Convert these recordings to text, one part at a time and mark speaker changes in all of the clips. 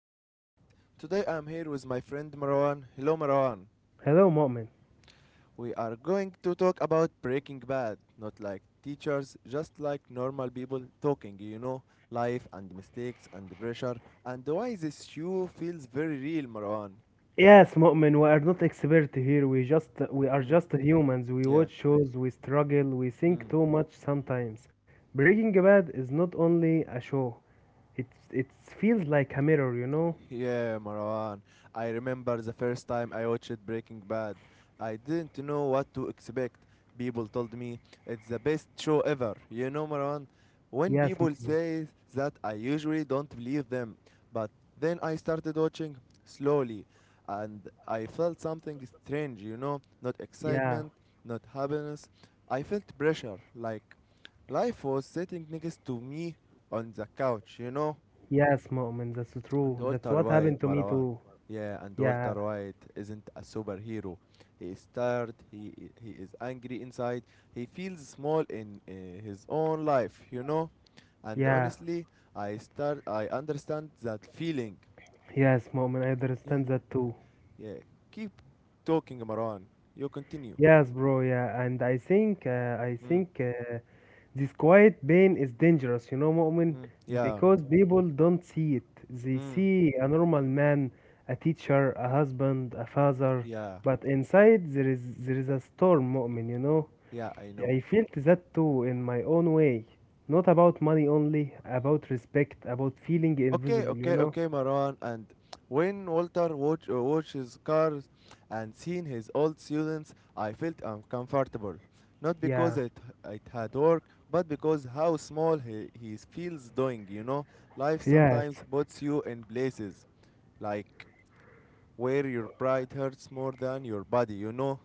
Speaker 1: not all days. Today I am here with my friend Marwan. Hello Marwan.
Speaker 2: Hello, Mu'min.
Speaker 1: We are going to talk about Breaking Bad, not like teachers, just like normal people talking, life and mistakes and pressure and why this show feels very real, Marwan.
Speaker 2: Yes, Mu'min, we are not expert here. We just we are
Speaker 1: Mm,
Speaker 2: just humans. We
Speaker 1: yeah.
Speaker 2: watch shows, we struggle, we
Speaker 1: Mm.
Speaker 2: think too much sometimes. Breaking Bad is not only a show. It feels like a mirror, you know?
Speaker 1: Yeah, Marwan. I remember the first time I watched Breaking Bad. I didn't know what to expect. People told me it's the best show ever. You know, Marwan, when
Speaker 2: Yes,
Speaker 1: people
Speaker 2: Mu'min.
Speaker 1: say that, I usually don't believe them. But then I started watching slowly, and I felt something strange, not
Speaker 2: Yeah.
Speaker 1: excitement, not happiness. I felt pressure, like life was sitting next to me on the couch, you know?
Speaker 2: Yes, Mu'min, that's true.
Speaker 1: And
Speaker 2: That's what
Speaker 1: Walter
Speaker 2: happened to
Speaker 1: White,
Speaker 2: me
Speaker 1: Marwan.
Speaker 2: too.
Speaker 1: Yeah, and
Speaker 2: Yeah.
Speaker 1: Walter White isn't a superhero. He is tired, he is angry inside, he feels small in his own life, you know? And
Speaker 2: Yeah.
Speaker 1: honestly, I understand that feeling.
Speaker 2: Yes, Mu'min, I
Speaker 1: Yeah,
Speaker 2: understand that too.
Speaker 1: yeah. Keep talking, Marwan. You continue.
Speaker 2: Yes, bro. Yeah, and I think uh, I
Speaker 1: Mm,
Speaker 2: think uh, this quiet pain is dangerous, you know, Mu'min,
Speaker 1: mm, yeah.
Speaker 2: because people don't see it. They
Speaker 1: Mm,
Speaker 2: see a normal man, a teacher, a husband, a father,
Speaker 1: yeah.
Speaker 2: but inside there is a storm, Mu'min, you know.
Speaker 1: Yeah, I know.
Speaker 2: I felt that too in my own way. Not about money only, about respect, about feeling
Speaker 1: Okay,
Speaker 2: invisible, you
Speaker 1: okay,
Speaker 2: know.
Speaker 1: okay, Maran. And when Walter watches cars and seen his old students, I felt uncomfortable. Not because
Speaker 2: Yeah.
Speaker 1: it had work, but because how small he feels doing, you know? Life
Speaker 2: Yes.
Speaker 1: sometimes puts you in places like where your pride hurts more than your body, you know?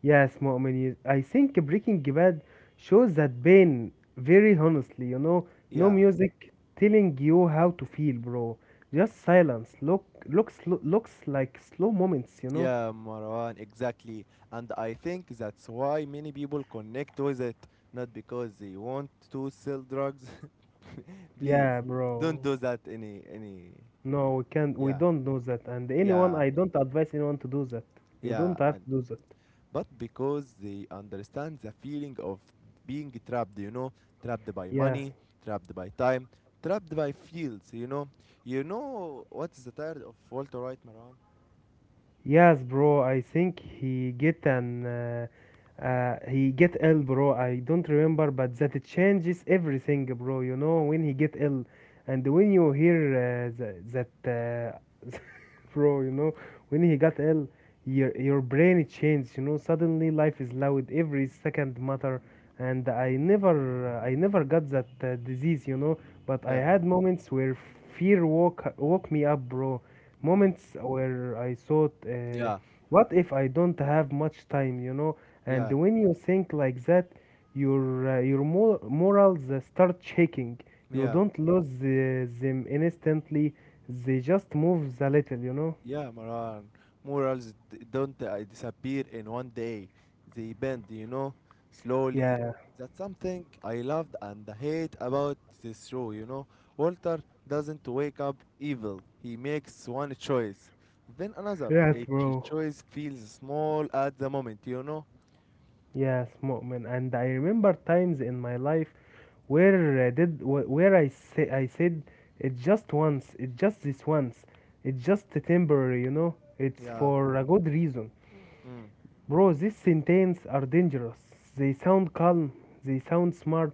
Speaker 2: Yes, Mu'min, I think Breaking Bad shows that pain very honestly, you know. No
Speaker 1: Yeah.
Speaker 2: music telling you how to feel, bro. Just silence. Looks like slow moments, you know.
Speaker 1: Yeah, Marwan, exactly. And I think that's why many people connect with it, not because they want to sell drugs. Please,
Speaker 2: Yeah,
Speaker 1: don't
Speaker 2: bro.
Speaker 1: do that any
Speaker 2: No, we can't. We
Speaker 1: yeah,
Speaker 2: don't do that. And anyone,
Speaker 1: yeah,
Speaker 2: I don't advise anyone to do that. You
Speaker 1: yeah,
Speaker 2: don't have
Speaker 1: and
Speaker 2: to do that.
Speaker 1: but because they understand the feeling of being trapped, trapped by
Speaker 2: Yeah.
Speaker 1: money, trapped by time, trapped by fields. You know what's the tired of Walter White, Marwan?
Speaker 2: Yes, bro. I think he get an he get ill, bro. I don't remember, but that it changes everything, bro. You know when he get ill, and when you hear that, uh, bro, you know when he got ill, your brain it changed. You know suddenly life is loud, every second matter, and I never got that disease, you know. But I
Speaker 1: Yeah.
Speaker 2: had moments where fear woke me up, bro,
Speaker 1: Mm.
Speaker 2: moments where I thought,
Speaker 1: Yeah,
Speaker 2: what if I don't have much time, you know? And
Speaker 1: yeah,
Speaker 2: when you think like that, your morals start shaking. You
Speaker 1: yeah.
Speaker 2: don't lose them instantly; they just move a little, you know?
Speaker 1: Yeah, Maran. Morals don't disappear in one day. They bend, slowly.
Speaker 2: Yeah,
Speaker 1: That's something I loved and hate about this show. Walter doesn't wake up evil. He makes one choice, then another.
Speaker 2: yes,
Speaker 1: Each
Speaker 2: bro.
Speaker 1: choice feels small at the moment.
Speaker 2: Yes, Mu'min. And I remember times in my life where I did wh- where I say I said it just once, it just this once, it's just temporary, you know. It's
Speaker 1: Yeah.
Speaker 2: for a good reason.
Speaker 1: Mm.
Speaker 2: Bro, these sentences are dangerous. They sound calm, they sound smart,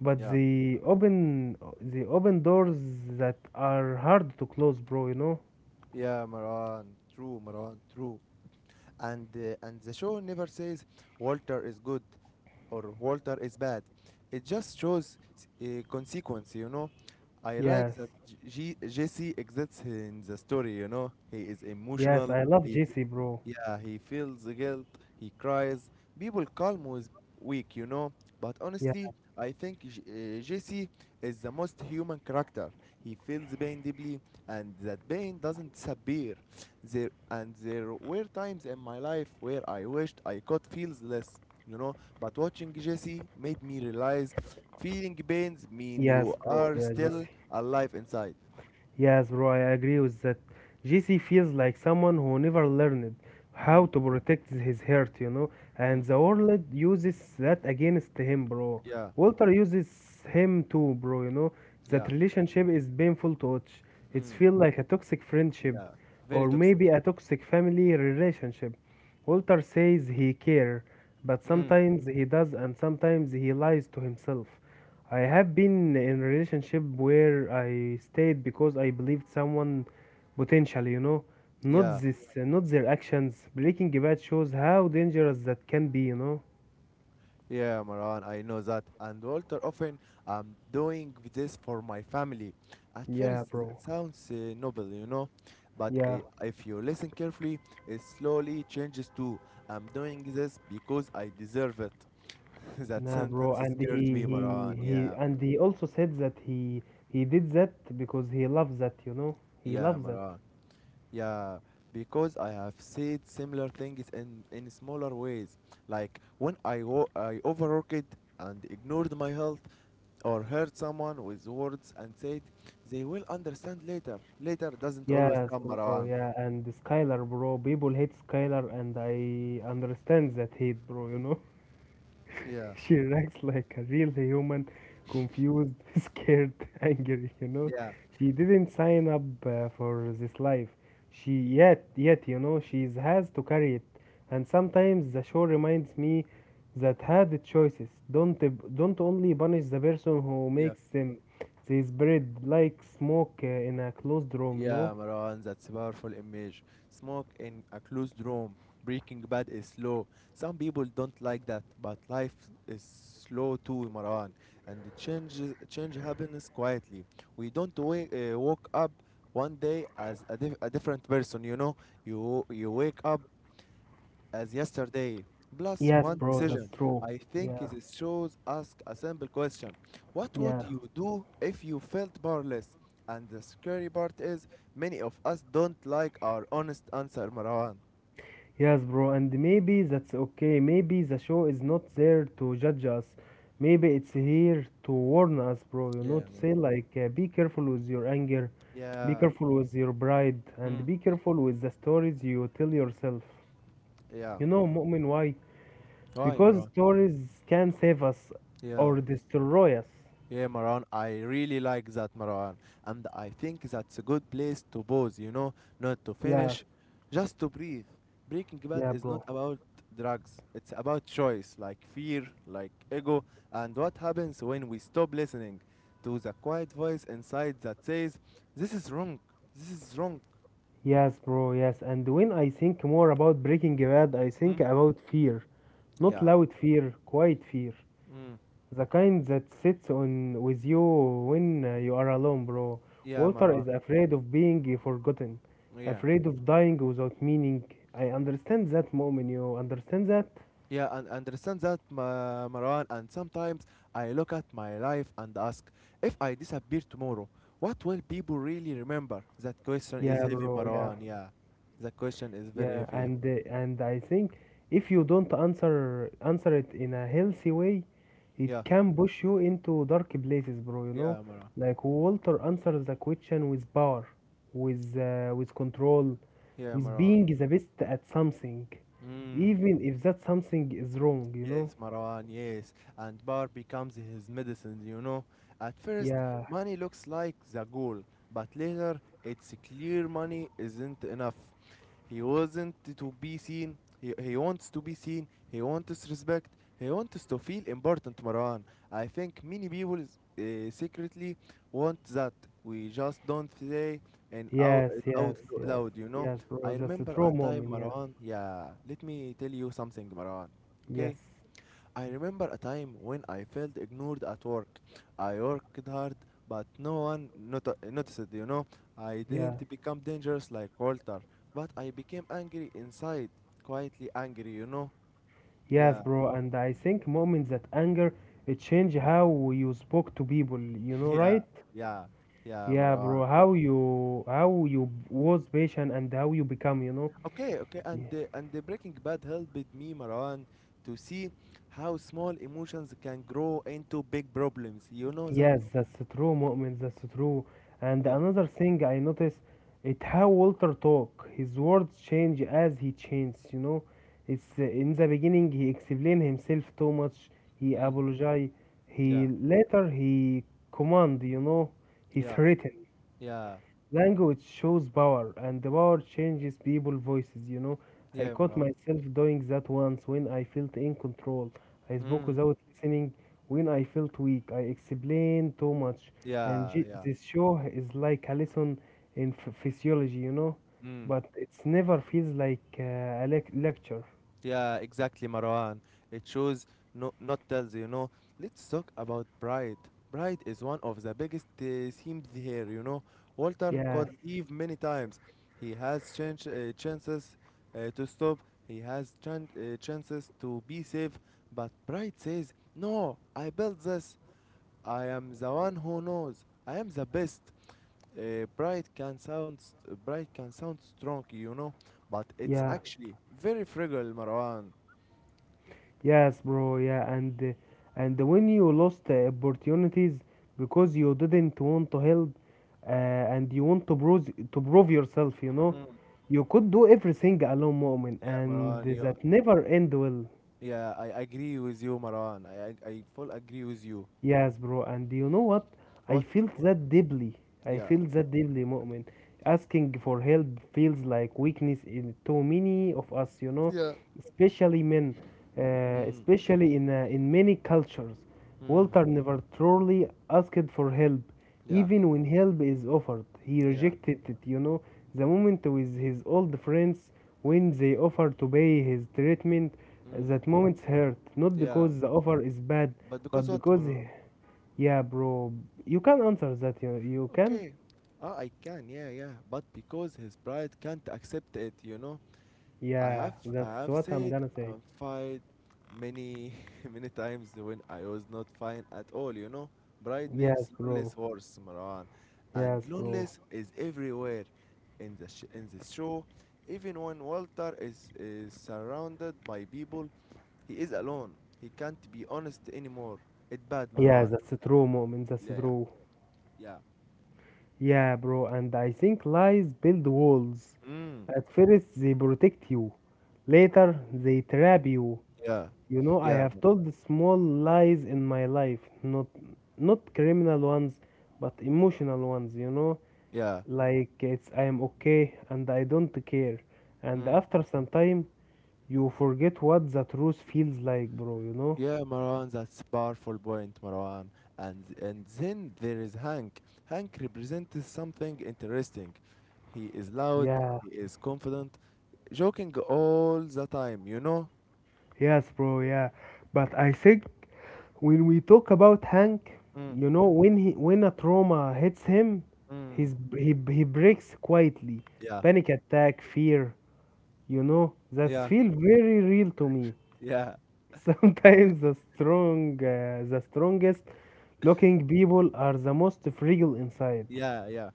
Speaker 2: but
Speaker 1: Yeah.
Speaker 2: they open doors that are hard to close, bro, you know?
Speaker 1: Yeah, Maran. True, Maran. True. And the show never says Walter is good or Walter is bad. It just shows a consequence. I
Speaker 2: Yes.
Speaker 1: like that Jesse exists in the story, you know. He is
Speaker 2: Yes,
Speaker 1: emotional.
Speaker 2: I love
Speaker 1: He, f-
Speaker 2: JC, bro.
Speaker 1: yeah, he feels the guilt. He cries. People call him was weak, you know. But
Speaker 2: Yeah.
Speaker 1: honestly, I think Jesse is the most human character. He feels pain deeply, and that pain doesn't disappear. There were times in my life where I wished I could feel less but watching Jesse made me realize feeling pains mean
Speaker 2: Yes,
Speaker 1: you
Speaker 2: bro.
Speaker 1: are
Speaker 2: Yeah, JC.
Speaker 1: still alive inside.
Speaker 2: Yes, bro, I agree with that. JC feels like someone who never learned how
Speaker 1: Mm,
Speaker 2: to protect his heart, you know, and
Speaker 1: mm,
Speaker 2: the world uses that against him, bro.
Speaker 1: yeah,
Speaker 2: Walter uses him too, bro, you know.
Speaker 1: yeah.
Speaker 2: That relationship is painful to watch. It
Speaker 1: Mm,
Speaker 2: feels like a toxic friendship
Speaker 1: yeah, very
Speaker 2: or
Speaker 1: toxic.
Speaker 2: maybe a toxic family relationship. Walter says he cares, but
Speaker 1: Mm,
Speaker 2: sometimes he does and sometimes he lies to himself. I have been in relationship where I stayed because I believed someone potential, you know, not
Speaker 1: yeah,
Speaker 2: this, not their actions. Breaking Bad shows how dangerous that can be, you know.
Speaker 1: yeah, Maran, I know that. And Walter often, I'm doing this for my family. At
Speaker 2: Yeah,
Speaker 1: first
Speaker 2: bro.
Speaker 1: that sounds noble, but
Speaker 2: Yeah,
Speaker 1: if you listen carefully it slowly changes to, I'm doing this because I deserve it. That
Speaker 2: nah, bro.
Speaker 1: sentence scared me,
Speaker 2: He,
Speaker 1: Maran.
Speaker 2: he,
Speaker 1: Yeah,
Speaker 2: and he also said that he did that because he loves that, you know. He
Speaker 1: yeah,
Speaker 2: loves that.
Speaker 1: Maran. Yeah, because I have said similar things in smaller ways, like when I I overworked and ignored my health, or hurt someone with words and said they will understand later. Later doesn't always
Speaker 2: Yes,
Speaker 1: come,
Speaker 2: bro.
Speaker 1: Maran.
Speaker 2: Yeah, and Skylar, bro. People hate Skylar, and I understand that hate, bro. You know.
Speaker 1: Yeah,
Speaker 2: She reacts like a real human, confused, scared, angry, you know.
Speaker 1: yeah,
Speaker 2: She didn't sign up for this life. She yet, you know, she has to carry it. And sometimes the show reminds me that had choices. Don't only punish the person who
Speaker 1: yeah.
Speaker 2: makes them. They spread like smoke in a closed room, you know.
Speaker 1: Yeah, Maran, that's a powerful image. Smoke in a closed room. Breaking Bad is slow. Some people don't like that, but life is slow too, Maran. And change happens quietly. We don't wake up one day as a different person, you know. You wake up as yesterday. Plus
Speaker 2: Yes,
Speaker 1: one
Speaker 2: bro, that's
Speaker 1: decision.
Speaker 2: true.
Speaker 1: I
Speaker 2: Yeah,
Speaker 1: think it shows ask a simple question. What would
Speaker 2: yeah.
Speaker 1: you do if you felt powerless? And the scary part is many of us don't like our honest answer, Marwan.
Speaker 2: Yes, bro, and maybe that's okay. Maybe the show is not there to judge us. Maybe it's here to warn us, bro. You
Speaker 1: Yeah,
Speaker 2: know, to
Speaker 1: Marwan.
Speaker 2: say, like, be careful with your anger, be
Speaker 1: Yeah.
Speaker 2: careful with your pride, and
Speaker 1: Mm.
Speaker 2: be careful with the stories you tell yourself.
Speaker 1: Yeah.
Speaker 2: You know, Mu'min, why?
Speaker 1: Why,
Speaker 2: Because
Speaker 1: Marwan?
Speaker 2: stories can save us
Speaker 1: Yeah.
Speaker 2: or destroy us.
Speaker 1: Yeah, Marwan. I really like that, Marwan. And I think that's a good place to pause, not to
Speaker 2: Yeah,
Speaker 1: finish, just to breathe. Breaking Bad
Speaker 2: yeah,
Speaker 1: is
Speaker 2: bro.
Speaker 1: not about drugs, it's about choice, like fear, like ego, and what happens when we stop listening to the quiet voice inside that says, this is wrong, this is wrong.
Speaker 2: Yes, bro, yes. And when I think more about Breaking Bad, I
Speaker 1: Mm?
Speaker 2: think about fear. Not
Speaker 1: Yeah,
Speaker 2: loud fear, quiet fear.
Speaker 1: mm.
Speaker 2: The kind that sits on with you when you are alone, bro.
Speaker 1: Yeah,
Speaker 2: Walter
Speaker 1: Marwan.
Speaker 2: is afraid of being forgotten,
Speaker 1: Yeah.
Speaker 2: afraid of dying without meaning. I understand that moment, you understand that?
Speaker 1: Yeah, and understand that, Marwan. And sometimes I look at my life and ask, if I disappear tomorrow, what will people really remember? That question is
Speaker 2: Yeah,
Speaker 1: heavy,
Speaker 2: bro, yeah.
Speaker 1: Marwan. Yeah, that question is very
Speaker 2: Yeah,
Speaker 1: heavy.
Speaker 2: and I think if you don't answer it in a healthy way, it
Speaker 1: Yeah, yeah,
Speaker 2: can push you into dark places, bro. You know,
Speaker 1: yeah, Marwan.
Speaker 2: like Walter answers the question with power, with control,
Speaker 1: Yeah,
Speaker 2: with
Speaker 1: Marwan.
Speaker 2: being the best at something,
Speaker 1: Mm.
Speaker 2: even if that something is wrong. You know?
Speaker 1: Yes, Marwan, yes. And bar becomes his medicine, you know. At first,
Speaker 2: Yeah.
Speaker 1: money looks like the goal, but later it's clear money isn't enough. He wasn't to be seen. He wants to be seen. He wants respect. He wants to feel important, Marwan. I think many people secretly want that. We just don't say
Speaker 2: Yes.
Speaker 1: it
Speaker 2: Yes.
Speaker 1: out lo-
Speaker 2: Yes.
Speaker 1: loud, you know.
Speaker 2: Yes, bro.
Speaker 1: I
Speaker 2: That's a
Speaker 1: remember
Speaker 2: true
Speaker 1: a time,
Speaker 2: moment. Yeah.
Speaker 1: Marwan. Yeah, let me tell you something, Marwan.
Speaker 2: Yes.
Speaker 1: Okay? I remember a time when I felt ignored at work. I worked hard, but no one noticed, you know. I
Speaker 2: Yeah.
Speaker 1: didn't become dangerous like Walter, but I became angry inside, quietly angry, you know.
Speaker 2: Yes,
Speaker 1: Yeah,
Speaker 2: bro, and I think moments that anger it change how you spoke to people, you know,
Speaker 1: yeah,
Speaker 2: right?
Speaker 1: yeah, yeah,
Speaker 2: Yeah,
Speaker 1: Marwan.
Speaker 2: bro, how you was patient and how you become, you know.
Speaker 1: Okay, okay, and
Speaker 2: Ye-
Speaker 1: the Breaking Bad helped me, Marwan, to see how small emotions can grow into big problems. You know that?
Speaker 2: Yes, that's true, moments, that's true. And
Speaker 1: Yeah.
Speaker 2: another thing I noticed it how Walter talk. His words change as he changes, you know. It's in the beginning he explained himself too much. He
Speaker 1: Mm.
Speaker 2: apologized. He
Speaker 1: Yeah,
Speaker 2: later he command, you know. He
Speaker 1: yeah,
Speaker 2: threatened.
Speaker 1: yeah,
Speaker 2: Language shows power, and the power changes people's voices, you know. I
Speaker 1: yeah,
Speaker 2: caught
Speaker 1: Marwan.
Speaker 2: myself doing that once when I felt in control. I spoke
Speaker 1: Hmm.
Speaker 2: without listening when I felt weak. I explained too much.
Speaker 1: Yeah, yeah.
Speaker 2: This show is like a lesson in ph physiology, you know,
Speaker 1: Mm.
Speaker 2: but it's never feels like a lecture.
Speaker 1: Yeah, exactly, Marwan. It shows, no, not tells, you know. Let's talk about pride. Pride is one of the biggest themes here, you know. Walter
Speaker 2: Yes,
Speaker 1: called Eve many times. He has chances to stop. He has chances to be safe, but pride says, "No, I built this. I am the one who knows. I am the best." Bright can sound strong, you know, but it's
Speaker 2: yeah.
Speaker 1: actually very fragile, Marwan.
Speaker 2: Yes, bro. Yeah, and when you lost opportunities because you didn't want to help, and you want to prove yourself, you know,
Speaker 1: Mm.
Speaker 2: you could do everything alone, moment,
Speaker 1: Yeah,
Speaker 2: and
Speaker 1: Marwan. You,
Speaker 2: that never end well.
Speaker 1: yeah, I agree with you, Marwan. I full agree with you.
Speaker 2: Yes, bro. And you know what? I
Speaker 1: What?
Speaker 2: felt that deeply. I
Speaker 1: Yeah.
Speaker 2: felt that deeply, Mu'min. Asking for help feels like weakness in too many of us, you know,
Speaker 1: Yeah.
Speaker 2: especially men,
Speaker 1: Mm.
Speaker 2: especially in many cultures.
Speaker 1: Mm.
Speaker 2: Walter never truly asked for help,
Speaker 1: Yeah.
Speaker 2: even when help is offered. He
Speaker 1: Yeah.
Speaker 2: rejected it, you know. The moment with his old friends when they offered to pay his treatment,
Speaker 1: Mm.
Speaker 2: that moment hurt, not
Speaker 1: Yeah.
Speaker 2: because the offer is bad,
Speaker 1: But
Speaker 2: but
Speaker 1: because what,
Speaker 2: because
Speaker 1: Marwan?
Speaker 2: yeah, bro. You can answer that. You can?
Speaker 1: Okay. Ah, I can. Yeah, yeah. But because his pride can't accept it, you know. I
Speaker 2: Yeah,
Speaker 1: have I
Speaker 2: that's
Speaker 1: have
Speaker 2: what I'm
Speaker 1: said
Speaker 2: gonna say.
Speaker 1: I'm fine many many times when I was not fine at all, you know. Pride makes
Speaker 2: Yes, bro.
Speaker 1: loneliness worse, Marwan. And
Speaker 2: Yes, bro.
Speaker 1: loneliness is everywhere in the show. Even when Walter is surrounded by people, he is alone. He can't be honest anymore. It's bad,
Speaker 2: Yeah,
Speaker 1: Marwan.
Speaker 2: that's true, moment. That's
Speaker 1: Yeah, yeah.
Speaker 2: true.
Speaker 1: Yeah.
Speaker 2: Yeah, bro. And I think lies build walls.
Speaker 1: Mm,
Speaker 2: At first, they protect you. Later, they trap you.
Speaker 1: yeah.
Speaker 2: You know, I
Speaker 1: Yeah.
Speaker 2: have told small lies in my life, not not criminal ones, but emotional ones. You know, like it's I am okay and I don't care. And
Speaker 1: Yeah.
Speaker 2: after some time, you forget what the truth feels like, bro, you know?
Speaker 1: Yeah, Marwan, that's powerful point, Marwan. And then there is Hank. Hank represents something interesting. He is loud,
Speaker 2: Yeah,
Speaker 1: he is confident, joking all the time, you know?
Speaker 2: yes, bro, yeah. But I think when we talk about Hank,
Speaker 1: Mm,
Speaker 2: you know, when a trauma hits him,
Speaker 1: mm.
Speaker 2: he he breaks quietly.
Speaker 1: Yeah,
Speaker 2: Panic attack, fear, you know, that's
Speaker 1: yeah,
Speaker 2: feel very real to me.
Speaker 1: yeah,
Speaker 2: Sometimes the strongest looking people are the most fragile inside,
Speaker 1: yeah, yeah.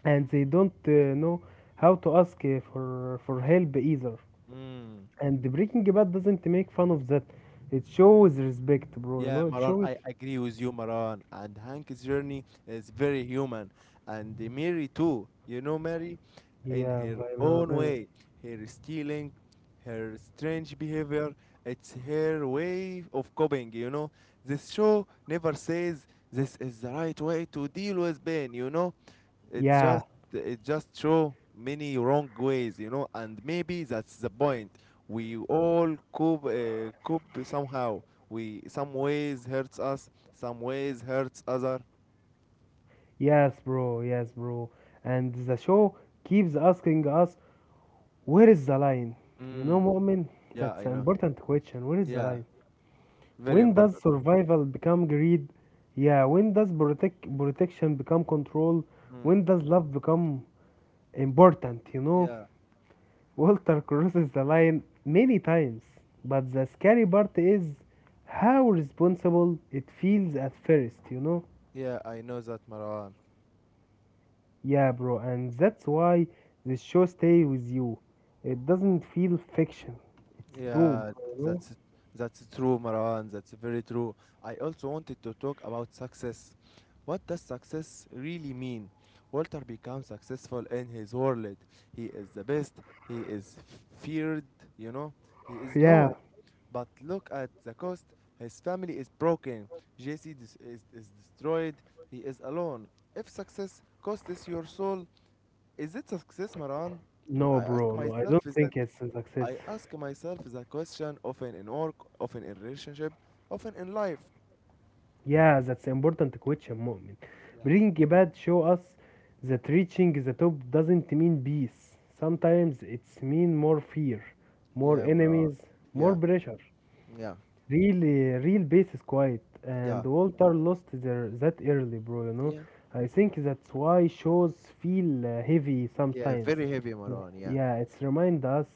Speaker 2: and they don't know how to ask for help either.
Speaker 1: Mm.
Speaker 2: And the Breaking Bad doesn't make fun of that. It shows respect, bro. You
Speaker 1: Yeah,
Speaker 2: know, it
Speaker 1: Maran,
Speaker 2: shows
Speaker 1: I agree with you, Maran. And Hank's journey is very human. And Mary, too. You know, Mary, in
Speaker 2: yeah
Speaker 1: her own
Speaker 2: vulnerability.
Speaker 1: way, her stealing, her strange behavior, it's her way of coping, you know. This show never says this is the right way to deal with pain, you know. It
Speaker 2: Yeah,
Speaker 1: just it just show many wrong ways, and maybe that's the point. We all cope somehow, we some ways hurts us, some ways hurts other.
Speaker 2: yes, bro. Yes, bro. And the show keeps asking us, where is the line? You know,
Speaker 1: Mm.
Speaker 2: Mu'min,
Speaker 1: Yeah,
Speaker 2: that's
Speaker 1: I
Speaker 2: an
Speaker 1: know.
Speaker 2: important question. Where is the
Speaker 1: Yeah,
Speaker 2: line?
Speaker 1: very
Speaker 2: When does
Speaker 1: important.
Speaker 2: survival become greed? Yeah. When does protection become control?
Speaker 1: Mm.
Speaker 2: When does love become important? You know.
Speaker 1: Yeah,
Speaker 2: Walter crosses the line many times, but the scary part is how responsible it feels at first, you know?
Speaker 1: yeah, I know that, Marwan.
Speaker 2: Yeah, bro, and that's why this show stay with you. It doesn't feel fiction. It's true,
Speaker 1: Yeah,
Speaker 2: bro, you know?
Speaker 1: that's that's true, Marwan, that's very true. I also wanted to talk about success. What does success really mean? Walter becomes successful in his world. He is the best. He is feared, you know he is
Speaker 2: Yeah.
Speaker 1: known. But look at the cost. His family is broken. JC is destroyed. He is alone. If success costs your soul, is it success, Maran?
Speaker 2: No,
Speaker 1: I ask
Speaker 2: bro, no, I don't
Speaker 1: myself is that
Speaker 2: think it's a success.
Speaker 1: I ask myself the question often in work, often in relationship, often in life.
Speaker 2: Yeah, that's important question, Mu'min.
Speaker 1: Yeah.
Speaker 2: Breaking bad show us that reaching the top doesn't mean peace.
Speaker 1: Yeah.
Speaker 2: Sometimes it's mean more fear, more
Speaker 1: Yeah, Maran.
Speaker 2: enemies, more
Speaker 1: Yeah,
Speaker 2: pressure.
Speaker 1: yeah,
Speaker 2: Real base is quiet,
Speaker 1: yeah,
Speaker 2: and Walter lost their that early, bro. You know,
Speaker 1: yeah.
Speaker 2: I think that's why shows feel heavy
Speaker 1: Yeah,
Speaker 2: sometimes.
Speaker 1: very heavy, Maran. Yeah.
Speaker 2: Yeah, it's remind us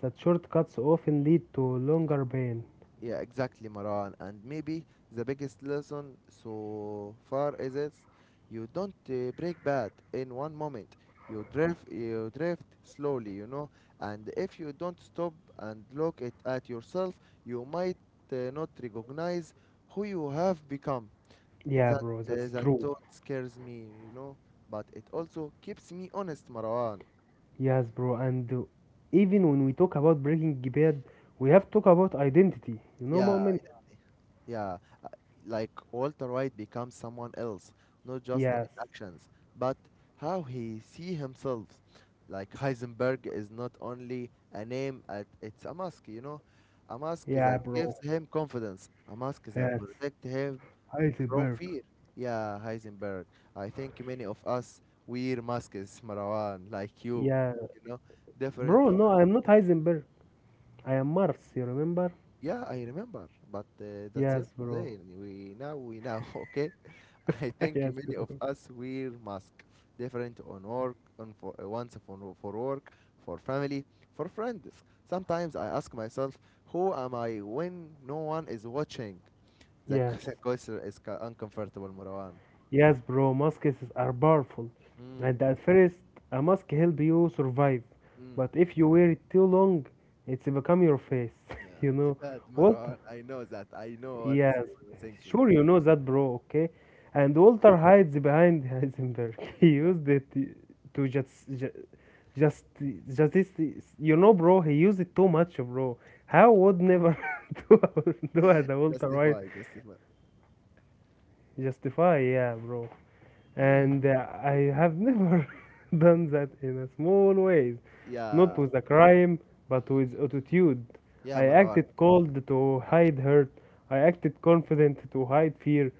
Speaker 2: that shortcuts often lead to longer pain.
Speaker 1: Yeah, exactly, Maran. And maybe the biggest lesson so far is it's you don't break bad in one moment. You drift slowly, you know. And if you don't stop and look it at yourself, you might not recognize who you have become.
Speaker 2: Yeah,
Speaker 1: That
Speaker 2: bro,
Speaker 1: uh,
Speaker 2: that's
Speaker 1: that
Speaker 2: true.
Speaker 1: thought scares me, you know. But it also keeps me honest, Marwan.
Speaker 2: Yes, bro, and even when we talk about Breaking Bad, we have to talk about identity. You know,
Speaker 1: Yeah,
Speaker 2: Mu'min?
Speaker 1: yeah. Like Walter White becomes someone else, not just in
Speaker 2: Yes.
Speaker 1: actions, but how he see himself. Like Heisenberg is not only a name, it's a mask, a mask
Speaker 2: Yeah,
Speaker 1: that
Speaker 2: bro.
Speaker 1: gives him confidence, a mask that
Speaker 2: Yes.
Speaker 1: protects him from
Speaker 2: Heisenberg.
Speaker 1: fear. Yeah, Heisenberg. I think many of us wear masks, Marwan, like you,
Speaker 2: Yeah.
Speaker 1: you know, different
Speaker 2: Bro,
Speaker 1: one.
Speaker 2: no, I'm not Heisenberg. I am Mars, you remember?
Speaker 1: Yeah, I remember, but that's
Speaker 2: Yes, bro.
Speaker 1: yesterday, and we know, okay? I think
Speaker 2: Yes,
Speaker 1: many of
Speaker 2: bro.
Speaker 1: us wear masks different on work, on for, once for work, for family, for friends. Sometimes I ask myself, who am I when no one is watching? The q-
Speaker 2: Yes.
Speaker 1: the question is uncomfortable, Marwan.
Speaker 2: Yes, bro, masks are powerful.
Speaker 1: Mm,
Speaker 2: And at first, a mask help you survive.
Speaker 1: mm.
Speaker 2: But if you wear it too long, it's become your face.
Speaker 1: Yeah,
Speaker 2: you
Speaker 1: it's
Speaker 2: know?
Speaker 1: bad,
Speaker 2: Walt
Speaker 1: Marwan. I know that. I know what
Speaker 2: Yes,
Speaker 1: you're thinking.
Speaker 2: sure, you know that, bro, okay? And
Speaker 1: Okay.
Speaker 2: Walter hides behind Heisenberg. He
Speaker 1: Yeah.
Speaker 2: used it to just, just, you know, bro, he used it too much, bro. How would never do, do as a Walter White
Speaker 1: Justify, justify.
Speaker 2: justify, yeah, bro.
Speaker 1: Yeah.
Speaker 2: And I have never done that in a small ways, not
Speaker 1: Yeah,
Speaker 2: with a crime, but with attitude.
Speaker 1: yeah,
Speaker 2: I
Speaker 1: Marwan.
Speaker 2: acted cold to hide hurt. I acted confident to hide fear.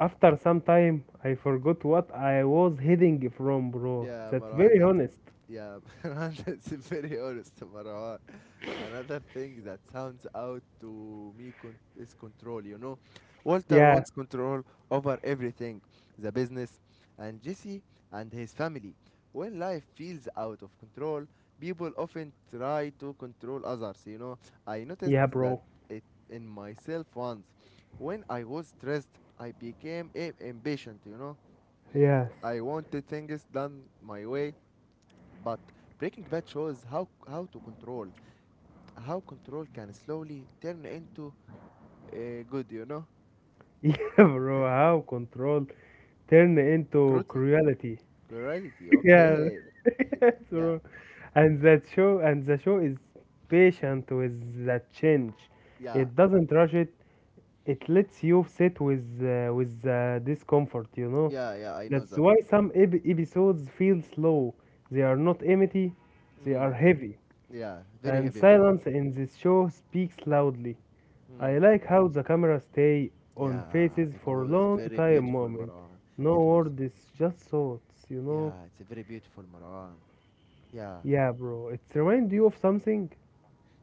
Speaker 2: After some time, I forgot what I was heading from, bro.
Speaker 1: Yeah,
Speaker 2: That's
Speaker 1: Marwan,
Speaker 2: very
Speaker 1: that's it.
Speaker 2: honest.
Speaker 1: Yeah, Marwan, that's very honest, Marwan. Another thing that sounds out to me is control, you know. Walter
Speaker 2: Yeah,
Speaker 1: wants control over everything, the business, and Jesse and his family. When life feels out of control, people often try to control others, you know. I noticed
Speaker 2: yeah,
Speaker 1: that
Speaker 2: bro.
Speaker 1: it in myself once. When I was stressed, I became impatient, you know.
Speaker 2: Yes.
Speaker 1: I wanted things done my way, but Breaking Bad shows how control can slowly turn into uh, good, you know,
Speaker 2: Yeah, bro, how control turn into
Speaker 1: cruelty,
Speaker 2: cruelty.
Speaker 1: cruelty.
Speaker 2: Yeah,
Speaker 1: Okay,
Speaker 2: yes,
Speaker 1: yeah,
Speaker 2: bro. And the show is patient with that change.
Speaker 1: yeah,
Speaker 2: It doesn't rush it. It lets you sit with discomfort, you know.
Speaker 1: yeah, yeah. I know
Speaker 2: That's
Speaker 1: that.
Speaker 2: why some episodes feel slow. They are not empty, they are
Speaker 1: Mm.
Speaker 2: heavy,
Speaker 1: Yeah, very
Speaker 2: and
Speaker 1: heavy, Maran.
Speaker 2: silence in this show speaks loudly. I
Speaker 1: Mm.
Speaker 2: like how the camera stay on
Speaker 1: Yeah,
Speaker 2: faces
Speaker 1: it
Speaker 2: for
Speaker 1: was
Speaker 2: long
Speaker 1: very
Speaker 2: time
Speaker 1: beautiful,
Speaker 2: moment.
Speaker 1: Maran.
Speaker 2: No
Speaker 1: It was.
Speaker 2: words, just thoughts, you know.
Speaker 1: Yeah, it's a very beautiful, Maran. Yeah,
Speaker 2: Yeah, bro, it remind you of something.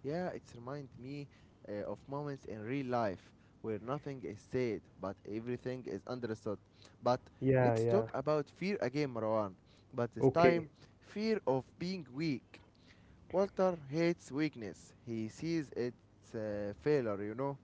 Speaker 1: yeah, it's remind me of moments in real life where nothing is said but everything is understood. But
Speaker 2: Yeah
Speaker 1: let's
Speaker 2: yeah
Speaker 1: talk about fear again, Marwan. But this
Speaker 2: okay
Speaker 1: time, fear of being weak. Walter hates weakness. He sees it's a failure, you know.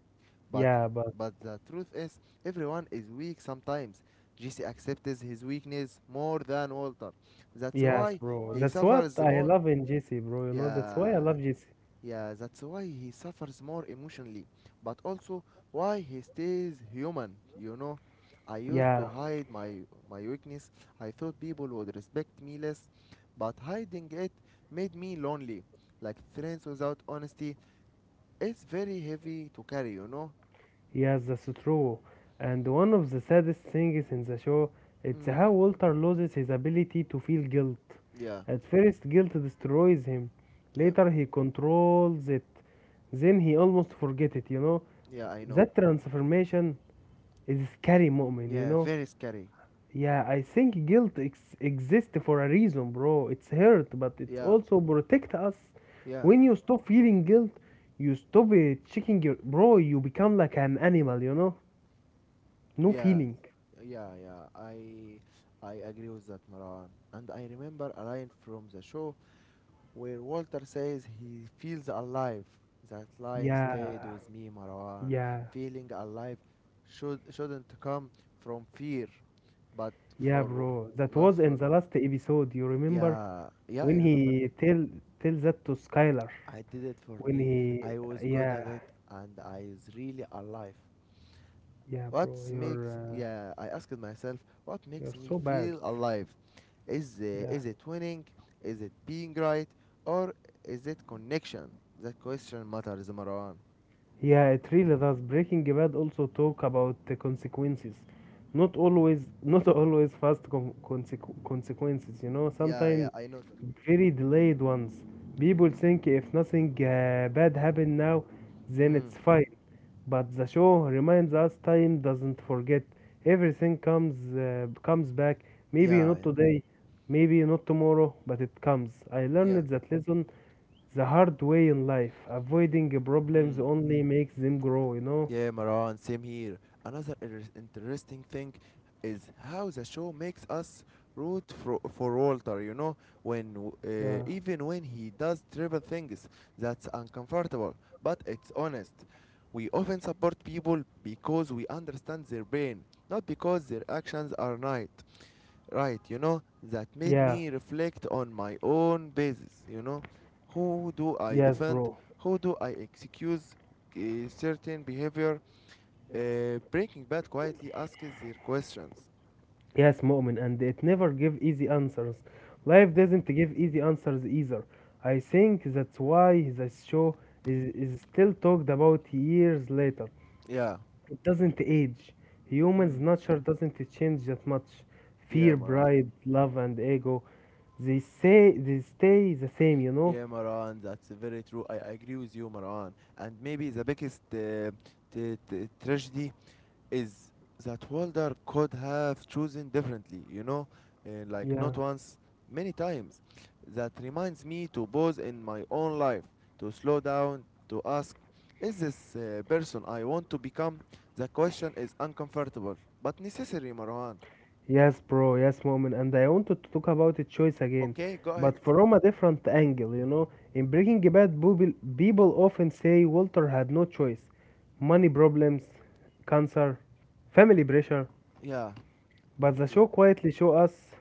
Speaker 1: But
Speaker 2: yeah but
Speaker 1: but the truth is, everyone is weak sometimes. Jesse accepts his weakness more than Walter. That's
Speaker 2: Yes,
Speaker 1: why
Speaker 2: bro,
Speaker 1: he
Speaker 2: that's what
Speaker 1: suffers
Speaker 2: I
Speaker 1: more.
Speaker 2: love in JC, bro, you know, that's why I
Speaker 1: Yeah,
Speaker 2: love JC.
Speaker 1: yeah, that's why he suffers more emotionally, but also why he stays human, you know. I used
Speaker 2: Yeah,
Speaker 1: to hide my weakness. I thought people would respect me less, but hiding it made me lonely. Like friends without honesty, it's very heavy to carry, you know.
Speaker 2: yes, that's true. And one of the saddest things in the show, it's
Speaker 1: Mm.
Speaker 2: how Walter loses his ability to feel guilt.
Speaker 1: Yeah,
Speaker 2: At first, guilt destroys him.
Speaker 1: yeah,
Speaker 2: Later, he controls it. Then he almost forget it. You know,
Speaker 1: yeah. I know.
Speaker 2: that transformation is scary, moment. You
Speaker 1: Yeah,
Speaker 2: know.
Speaker 1: very scary.
Speaker 2: Yeah, I think guilt exists for a reason, bro. It's hurt, but it's
Speaker 1: Yeah,
Speaker 2: also protect us.
Speaker 1: yeah,
Speaker 2: When you stop feeling guilt, you stop checking your bro. You become like an animal, you know. No
Speaker 1: yeah,
Speaker 2: feeling.
Speaker 1: yeah, yeah. I agree with that, Maran. And I remember a line from the show where Walter says he feels alive. That line
Speaker 2: Yeah,
Speaker 1: stayed with me, Marwan.
Speaker 2: yeah,
Speaker 1: Feeling alive shouldn't come from fear, but
Speaker 2: yeah,
Speaker 1: for
Speaker 2: bro. That
Speaker 1: but
Speaker 2: was in
Speaker 1: for
Speaker 2: the last episode. You remember
Speaker 1: yeah, yeah, I
Speaker 2: when
Speaker 1: remember it.
Speaker 2: he tell that to Skylar?
Speaker 1: I did it for
Speaker 2: When
Speaker 1: me.
Speaker 2: he,
Speaker 1: I was good
Speaker 2: yeah,
Speaker 1: at it, and I is really alive.
Speaker 2: yeah,
Speaker 1: What
Speaker 2: Bro, you're
Speaker 1: makes Yeah, I asked myself, what
Speaker 2: you're
Speaker 1: makes me
Speaker 2: so bad.
Speaker 1: feel alive?
Speaker 2: Yeah.
Speaker 1: Is it winning? Is it being right? Or is it connection? That question matters, Marwan.
Speaker 2: Yeah, it really does. Breaking Bad also talk about the consequences, not always, not always fast consequences. You know,
Speaker 1: Yeah, yeah,
Speaker 2: sometimes
Speaker 1: I know that.
Speaker 2: very delayed ones. People think if nothing bad happened now, then
Speaker 1: Mm,
Speaker 2: it's fine. But the show reminds us time doesn't forget. Everything comes back. Maybe
Speaker 1: yeah,
Speaker 2: not
Speaker 1: yeah,
Speaker 2: today, maybe not tomorrow, but it comes. I
Speaker 1: yeah.
Speaker 2: learned that lesson the hard way in life. Avoiding problems
Speaker 1: Mm.
Speaker 2: only makes them grow, you know?
Speaker 1: Yeah, Maran, same here. Another interesting thing is how the show makes us root for Walter, you know, when
Speaker 2: Yeah.
Speaker 1: even when he does terrible things, that's uncomfortable, but it's honest. We often support people because we understand their pain, not because their actions are right. Right, you know, that made
Speaker 2: Yeah.
Speaker 1: me reflect on my own basis, you know. Who do I
Speaker 2: Yes,
Speaker 1: defend?
Speaker 2: bro.
Speaker 1: Who do I excuse certain behavior? Breaking Bad quietly asks their questions.
Speaker 2: Yes, moment, and it never give easy answers. Life doesn't give easy answers either. I think that's why this show is still talked about years later.
Speaker 1: Yeah.
Speaker 2: It doesn't age. Humans'
Speaker 1: Mm.
Speaker 2: nature doesn't change that much.
Speaker 1: Yeah,
Speaker 2: Fear,
Speaker 1: Maran.
Speaker 2: pride, love, and ego, they say they stay the same, you know?
Speaker 1: Yeah, Maran. That's very true. I agree with you, Maran. And maybe the biggest tragedy is that Walder could have chosen differently, you know, like
Speaker 2: Yeah.
Speaker 1: not once, many times. That reminds me to pause in my own life, to slow down, to ask, is this person I want to become? The question is uncomfortable, but necessary, Marwan.
Speaker 2: Yes, bro. Yes, Mu'min. And I wanted to talk about the choice again,
Speaker 1: Okay, go ahead.
Speaker 2: but from a different angle, you know. In Breaking Bad, people often say Walter had no choice. Money problems, cancer, family pressure.
Speaker 1: Yeah,
Speaker 2: But the
Speaker 1: yeah,
Speaker 2: show quietly show us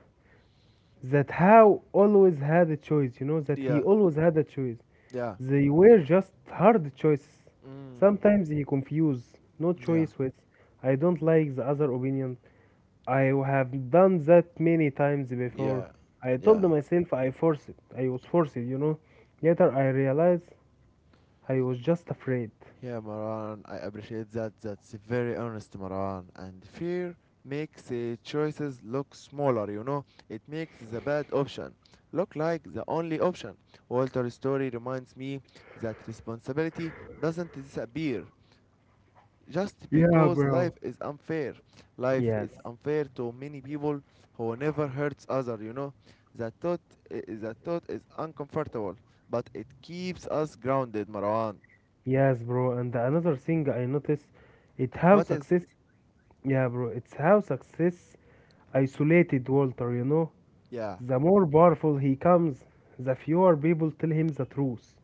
Speaker 2: that How always had a choice, you know, that he
Speaker 1: yeah,
Speaker 2: always had a choice.
Speaker 1: yeah.
Speaker 2: They were just hard choices.
Speaker 1: Mm,
Speaker 2: Sometimes he confused no
Speaker 1: yeah,
Speaker 2: choice with I don't like the other opinion. I have done that many times before.
Speaker 1: yeah,
Speaker 2: I told
Speaker 1: yeah.
Speaker 2: myself I forced it. I was forced, you know. Later I realized I was just afraid.
Speaker 1: Yeah, Maran, I appreciate that. That's very honest, Maran. And fear makes the choices look smaller, you know? It makes the bad option look like the only option. Walter's story reminds me that responsibility doesn't disappear, just
Speaker 2: Yeah,
Speaker 1: because life
Speaker 2: bro.
Speaker 1: is unfair. Life
Speaker 2: Yes.
Speaker 1: is unfair to many people who never hurts other, you know. That thought that thought is uncomfortable, but it keeps us grounded, Marwan.
Speaker 2: Yes, bro. And another thing I noticed, it how
Speaker 1: What is
Speaker 2: success, it's how success isolated Walter, you know.
Speaker 1: Yeah,
Speaker 2: The more powerful he comes, the fewer people tell him the truth.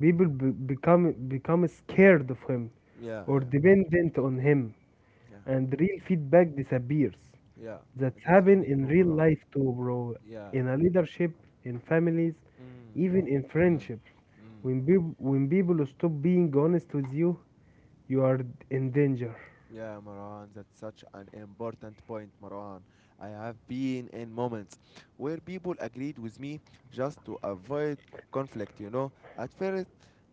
Speaker 2: People become scared of him
Speaker 1: yeah,
Speaker 2: or
Speaker 1: yeah,
Speaker 2: dependent on him,
Speaker 1: yeah,
Speaker 2: and real feedback disappears.
Speaker 1: yeah.
Speaker 2: That's
Speaker 1: That's
Speaker 2: happened
Speaker 1: very
Speaker 2: in
Speaker 1: true,
Speaker 2: real
Speaker 1: Marwan.
Speaker 2: life too, bro.
Speaker 1: Yeah.
Speaker 2: In a leadership, in families,
Speaker 1: Mm.
Speaker 2: even in
Speaker 1: Mm.
Speaker 2: friendships,
Speaker 1: Mm.
Speaker 2: When people stop being honest with you, you are in danger.
Speaker 1: Yeah, Marwan, that's such an important point, Marwan. I have been in moments where people agreed with me just to avoid conflict, you know. At first,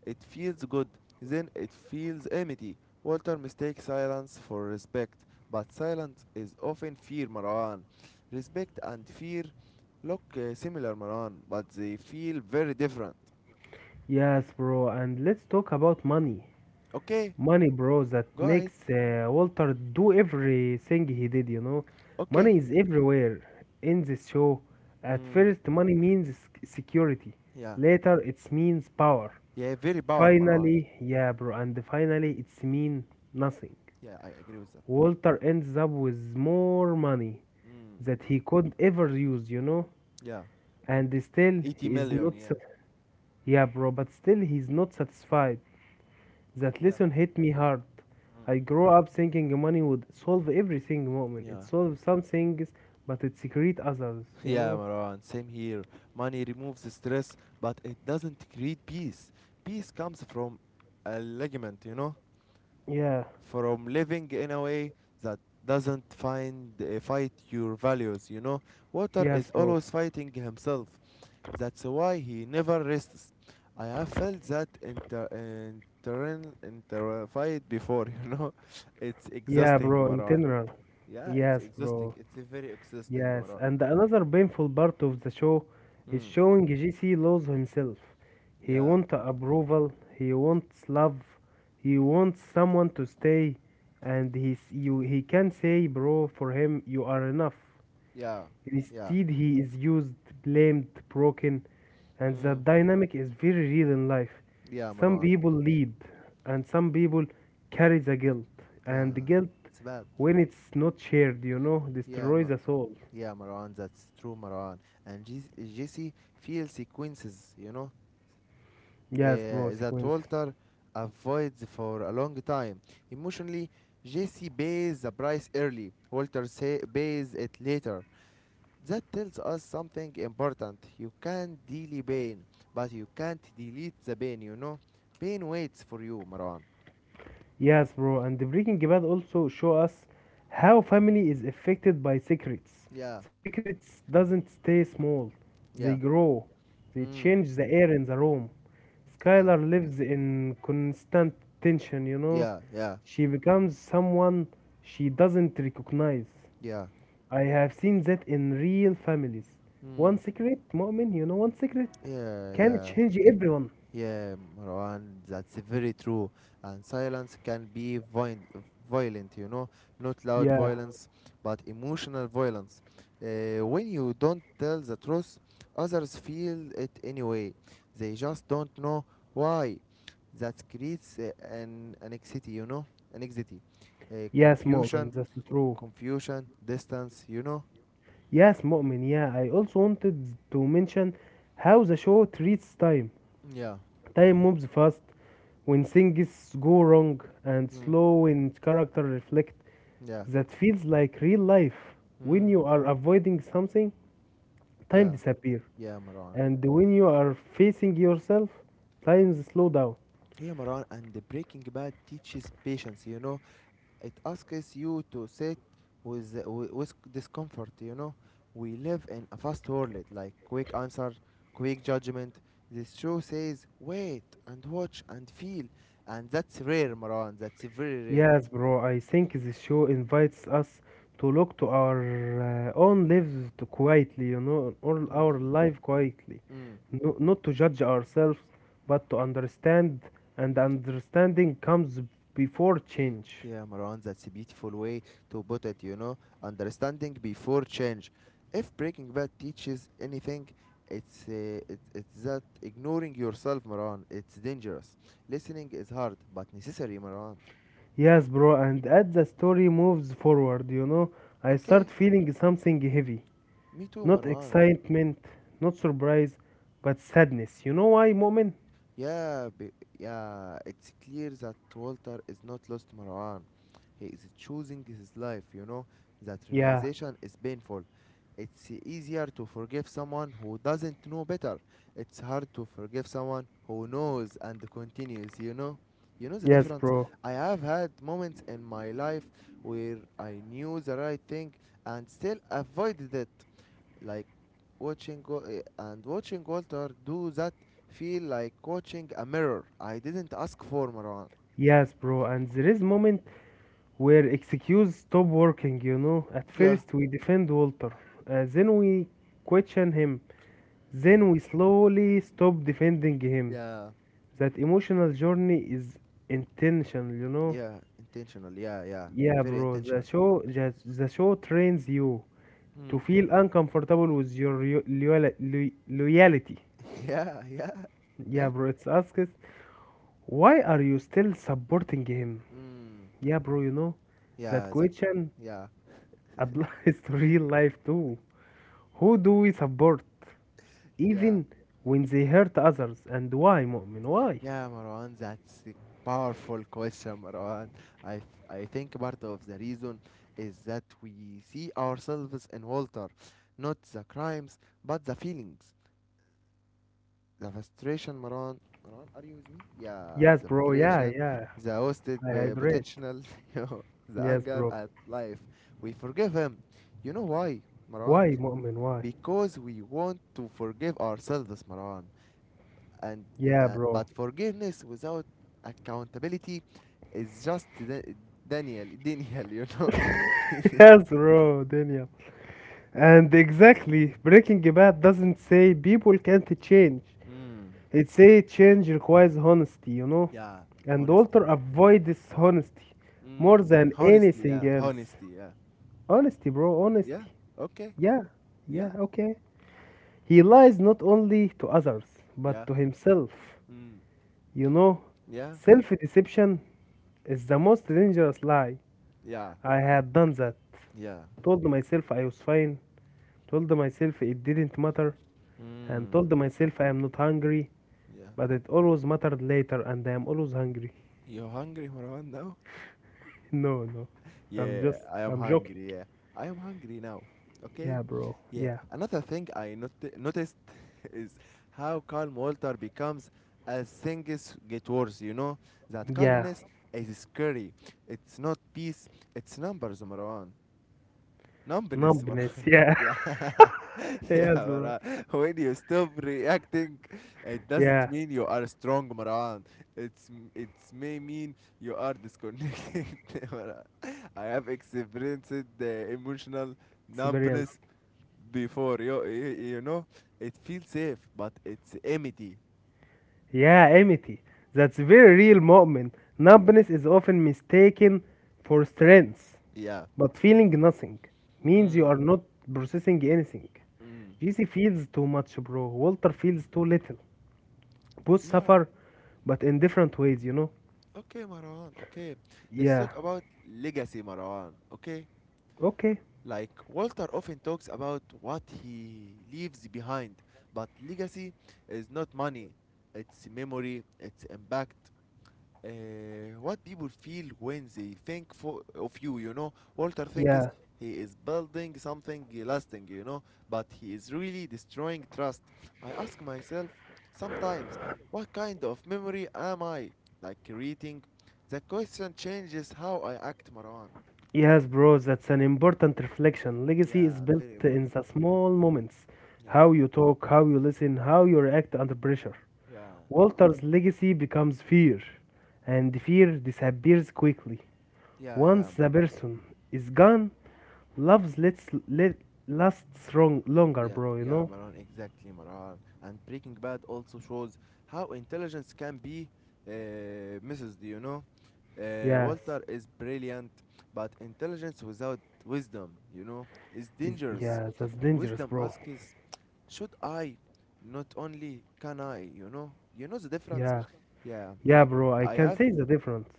Speaker 1: it feels good, then it feels empty. Walter mistakes silence for respect, but silence is often fear, Marwan. Respect and fear look similar, Marwan, but they feel very different.
Speaker 2: Yes, bro, and let's talk about money.
Speaker 1: Okay,
Speaker 2: Money, bro, that
Speaker 1: go ahead.
Speaker 2: makes Walter do everything he did, you know.
Speaker 1: Okay.
Speaker 2: Money is everywhere in this show. At
Speaker 1: Mm,
Speaker 2: first, money means security,
Speaker 1: yeah.
Speaker 2: later, it means power.
Speaker 1: Yeah, very power, Marwan.
Speaker 2: Finally, yeah, bro, and finally it's mean nothing.
Speaker 1: Yeah, I agree with that.
Speaker 2: Walter ends up with more money
Speaker 1: Mm.
Speaker 2: that he could ever use, you know?
Speaker 1: Yeah.
Speaker 2: And still,
Speaker 1: 80
Speaker 2: he is
Speaker 1: million,
Speaker 2: not.
Speaker 1: yeah.
Speaker 2: Yeah, bro, but still, he's not satisfied. That
Speaker 1: Yeah.
Speaker 2: lesson hit me hard.
Speaker 1: Mm.
Speaker 2: I grew up thinking money would solve everything, moment. It
Speaker 1: Yeah.
Speaker 2: solves some things, but it secrete others, you
Speaker 1: Yeah,
Speaker 2: know?
Speaker 1: Marwan, same here. Money removes stress, but it doesn't create peace. Peace comes from alignment, you know?
Speaker 2: Yeah,
Speaker 1: From living in a way that doesn't find fight your values, you know? Water
Speaker 2: yes,
Speaker 1: is
Speaker 2: bro.
Speaker 1: always fighting himself. That's why he never rests. I have felt that inter fight before, you know? It's
Speaker 2: Yeah,
Speaker 1: exhausting,
Speaker 2: bro, in
Speaker 1: Marwan.
Speaker 2: general.
Speaker 1: Yeah, it's
Speaker 2: Yes,
Speaker 1: exhausting.
Speaker 2: bro.
Speaker 1: It's a very exhausting,
Speaker 2: Yes,
Speaker 1: Marwan.
Speaker 2: and another painful part of the show is
Speaker 1: Mm.
Speaker 2: showing GC lose himself. He
Speaker 1: Yeah,
Speaker 2: wants approval, he wants love, he wants someone to stay, and he you he can say, bro, for him you are enough.
Speaker 1: yeah, yeah.
Speaker 2: Instead, he is used, blamed, broken, and that
Speaker 1: Mm.
Speaker 2: dynamic is very real in life.
Speaker 1: Yeah,
Speaker 2: Some
Speaker 1: Marwan.
Speaker 2: people lead, and some people carry the guilt,
Speaker 1: Yeah,
Speaker 2: and the guilt,
Speaker 1: it's bad.
Speaker 2: when it's not shared, you know,
Speaker 1: Yeah,
Speaker 2: destroys
Speaker 1: ma-
Speaker 2: us all.
Speaker 1: yeah, Marwan. That's true, Marwan. And Jesse feels sequences, you know,
Speaker 2: Yes, bro,
Speaker 1: that
Speaker 2: sequence.
Speaker 1: Walter avoids for a long time. Emotionally, Jesse pays the price early. Walter say, pays it later. That tells us something important. You can delay pain, but you can't delete the pain, you know? Pain waits for you, Marwan.
Speaker 2: Yes, bro, and the Breaking Bad also show us how family is affected by secrets.
Speaker 1: Yeah,
Speaker 2: Secrets doesn't stay small. They
Speaker 1: yeah.
Speaker 2: grow. They
Speaker 1: Mm.
Speaker 2: change the air in the room.
Speaker 1: And
Speaker 2: Skylar lives in constant tension, you know.
Speaker 1: yeah, yeah,
Speaker 2: She becomes someone she doesn't recognize.
Speaker 1: yeah.
Speaker 2: I have seen that in real families.
Speaker 1: Mm.
Speaker 2: One secret, Mu'min, you know, one secret
Speaker 1: Yeah,
Speaker 2: can
Speaker 1: yeah.
Speaker 2: change everyone.
Speaker 1: Yeah, Marwan, that's very true. And silence can be violent, you know, not loud
Speaker 2: Yeah,
Speaker 1: violence, but emotional violence. When you don't tell the truth, others feel it anyway. They just don't know why. That creates an anxiety, you know, anxiety,
Speaker 2: yes, Mu'min,
Speaker 1: confusion,
Speaker 2: that's true.
Speaker 1: confusion, distance, you know.
Speaker 2: Yes, Mu'min, yeah. I also wanted to mention how the show treats time.
Speaker 1: Yeah.
Speaker 2: Time moves fast when things go wrong and
Speaker 1: Mm.
Speaker 2: slow when characters reflect.
Speaker 1: Yeah.
Speaker 2: That feels like real life. When
Speaker 1: Mm.
Speaker 2: you are avoiding something, time
Speaker 1: Yeah.
Speaker 2: disappears.
Speaker 1: Yeah, Marwan.
Speaker 2: And when you are facing yourself, time slow down.
Speaker 1: Yeah, Maran, and the Breaking Bad teaches patience, you know. It asks you to sit with, with discomfort, you know. We live in a fast world, like quick answer, quick judgment. This show says, wait and watch and feel. And that's rare, Maran, that's very rare.
Speaker 2: Yes, bro, I think this show invites us to look to our own lives to quietly, you know, all
Speaker 1: Mm.
Speaker 2: our life quietly.
Speaker 1: Mm.
Speaker 2: No, not to judge ourselves, but to understand, and understanding comes before change.
Speaker 1: Yeah, Marwan, that's a beautiful way to put it, you know. Understanding before change. If Breaking Bad teaches anything, it's, uh, it's that ignoring yourself, Marwan, it's dangerous. Listening is hard, but necessary, Marwan.
Speaker 2: Yes, bro, and as the story moves forward, you know, I start
Speaker 1: Okay,
Speaker 2: feeling something heavy.
Speaker 1: me too,
Speaker 2: Not
Speaker 1: Marwan.
Speaker 2: excitement, not surprise, but sadness. You know why, moment?
Speaker 1: Yeah, be, yeah, it's clear that Walter is not lost Marwan. He is choosing his life, you know. That
Speaker 2: Yeah.
Speaker 1: realization is painful. It's easier to forgive someone who doesn't know better. It's hard to forgive someone who knows and continues, you know. You know the
Speaker 2: Yes,
Speaker 1: difference?
Speaker 2: bro.
Speaker 1: I have had moments in my life where I knew the right thing and still avoided it, like watching Go- eh, and watching Walter do that feel like watching a mirror. I didn't ask for Marwan.
Speaker 2: Yes, bro. And there is moment where excuses stop working, you know. At
Speaker 1: Yeah.
Speaker 2: first, we defend Walter, then we question him, then we slowly stop defending him.
Speaker 1: Yeah.
Speaker 2: That emotional journey is intentional, you know.
Speaker 1: Yeah, intentional. Yeah, yeah,
Speaker 2: Yeah,
Speaker 1: very
Speaker 2: bro, the
Speaker 1: intentional.
Speaker 2: show, the, the show trains you
Speaker 1: Hmm.
Speaker 2: to feel uncomfortable with your loyalty.
Speaker 1: Yeah, yeah, yeah.
Speaker 2: Yeah, bro, it asks, why are you still supporting him?
Speaker 1: Mm.
Speaker 2: Yeah, bro, you know, that
Speaker 1: Yeah, the,
Speaker 2: question
Speaker 1: yeah,
Speaker 2: applies to real life too. Who do we support
Speaker 1: yeah,
Speaker 2: even when they hurt others and why, Mu'min? Why?
Speaker 1: yeah, Marwan. That's a powerful question, Marwan. I think part of the reason is that we see ourselves in Walter, not the crimes, but the feelings. The frustration, Maran. Maran, are you with me? Yeah,
Speaker 2: Yes,
Speaker 1: the
Speaker 2: bro. Yeah,
Speaker 1: frustration,
Speaker 2: yeah.
Speaker 1: the wasted
Speaker 2: I hydrate.
Speaker 1: potential, you know, the
Speaker 2: Yes,
Speaker 1: anger
Speaker 2: bro.
Speaker 1: at life. We forgive him. You know why, Maran?
Speaker 2: Why, Mu'min? Why?
Speaker 1: Because we want to forgive ourselves, Maran. And the-
Speaker 2: Yeah,
Speaker 1: uh,
Speaker 2: bro.
Speaker 1: but forgiveness without accountability is just Daniel, Daniel, you know.
Speaker 2: Yes, bro, Daniel. And exactly, Breaking Bad doesn't say people can't change.
Speaker 1: mm,
Speaker 2: It say change requires honesty, you know?
Speaker 1: yeah,
Speaker 2: And
Speaker 1: honesty.
Speaker 2: Walter avoid this honesty more
Speaker 1: Mm,
Speaker 2: than anything else.
Speaker 1: honesty, yeah,
Speaker 2: Honesty, bro, honesty.
Speaker 1: yeah. Okay,
Speaker 2: Yeah,
Speaker 1: yeah,
Speaker 2: yeah, okay. He lies not only to others,
Speaker 1: yeah.
Speaker 2: but to himself.
Speaker 1: Mm.
Speaker 2: You know,
Speaker 1: Yeah,
Speaker 2: self deception is the most dangerous lie.
Speaker 1: yeah,
Speaker 2: I had done that.
Speaker 1: yeah.
Speaker 2: Told myself I was fine, told myself it didn't matter, and told
Speaker 1: Mm,
Speaker 2: myself I am not hungry,
Speaker 1: yeah.
Speaker 2: but it always mattered later, and I am always hungry.
Speaker 1: You're hungry, Marwan, now?
Speaker 2: No, no, I'm
Speaker 1: Yeah,
Speaker 2: just,
Speaker 1: I am
Speaker 2: I'm joking.
Speaker 1: hungry. Yeah, I am hungry now. Okay?
Speaker 2: Yeah, bro,
Speaker 1: Yeah.
Speaker 2: yeah,
Speaker 1: Another thing I noticed is how calm Walter becomes as things get worse, you know? That
Speaker 2: yeah,
Speaker 1: calmness is scary. It's not peace, it's numbers, Marwan. Numbness,
Speaker 2: numbness, yeah,
Speaker 1: yeah, yeah,
Speaker 2: yes, bro,
Speaker 1: Marwan. When you stop reacting, it
Speaker 2: yeah,
Speaker 1: doesn't mean you are strong, Marwan. It's m- it's may mean you are disconnected, Marwan. I have experienced the emotional
Speaker 2: experience.
Speaker 1: numbness before. You know, it feels safe, but it's empty.
Speaker 2: Yeah, Amity, that's very real moment. Numbness is often mistaken for strength,
Speaker 1: Yeah.
Speaker 2: but feeling nothing means you
Speaker 1: Mm.
Speaker 2: are not processing anything.
Speaker 1: Mm.
Speaker 2: GC feels too much, bro. Walter feels too little. Both
Speaker 1: Yeah.
Speaker 2: suffer, but in different ways, you know?
Speaker 1: Okay, Marwan. Okay. Let's
Speaker 2: Yeah.
Speaker 1: talk about legacy, Marwan. Okay.
Speaker 2: Okay.
Speaker 1: Like Walter often talks about what he leaves behind, but legacy is not money, it's memory, it's impact. What people feel when they think of you, you know. Walter thinks
Speaker 2: Yeah.
Speaker 1: he is building something lasting, you know, but he is really destroying trust. I ask myself sometimes, what kind of memory am I? Like creating? The question changes how I act, Marwan.
Speaker 2: Yes, bro, that's an important reflection. Legacy is
Speaker 1: Yeah,
Speaker 2: built
Speaker 1: very
Speaker 2: in
Speaker 1: important.
Speaker 2: the
Speaker 1: Yeah.
Speaker 2: small moments,
Speaker 1: Yeah.
Speaker 2: how you talk, how you listen, how you react under pressure.
Speaker 1: Yeah,
Speaker 2: Walter's legacy becomes fear, and fear disappears quickly.
Speaker 1: yeah, yeah,
Speaker 2: Once the
Speaker 1: man.
Speaker 2: person is gone, love lets let lasts strong longer,
Speaker 1: Yeah,
Speaker 2: bro. You
Speaker 1: yeah,
Speaker 2: know?
Speaker 1: Maran, exactly, Maran. And Breaking Bad also shows how intelligence can be misused, you know?
Speaker 2: Yes.
Speaker 1: Walter is brilliant, but intelligence without wisdom, you know, is
Speaker 2: Is
Speaker 1: dangerous.
Speaker 2: yeah, that's dangerous,
Speaker 1: Wisdom
Speaker 2: bro.
Speaker 1: asks, should I? Not only can I, you know? You know the difference?
Speaker 2: Yeah,
Speaker 1: Yeah,
Speaker 2: yeah, bro. I
Speaker 1: I
Speaker 2: can
Speaker 1: have
Speaker 2: say the difference,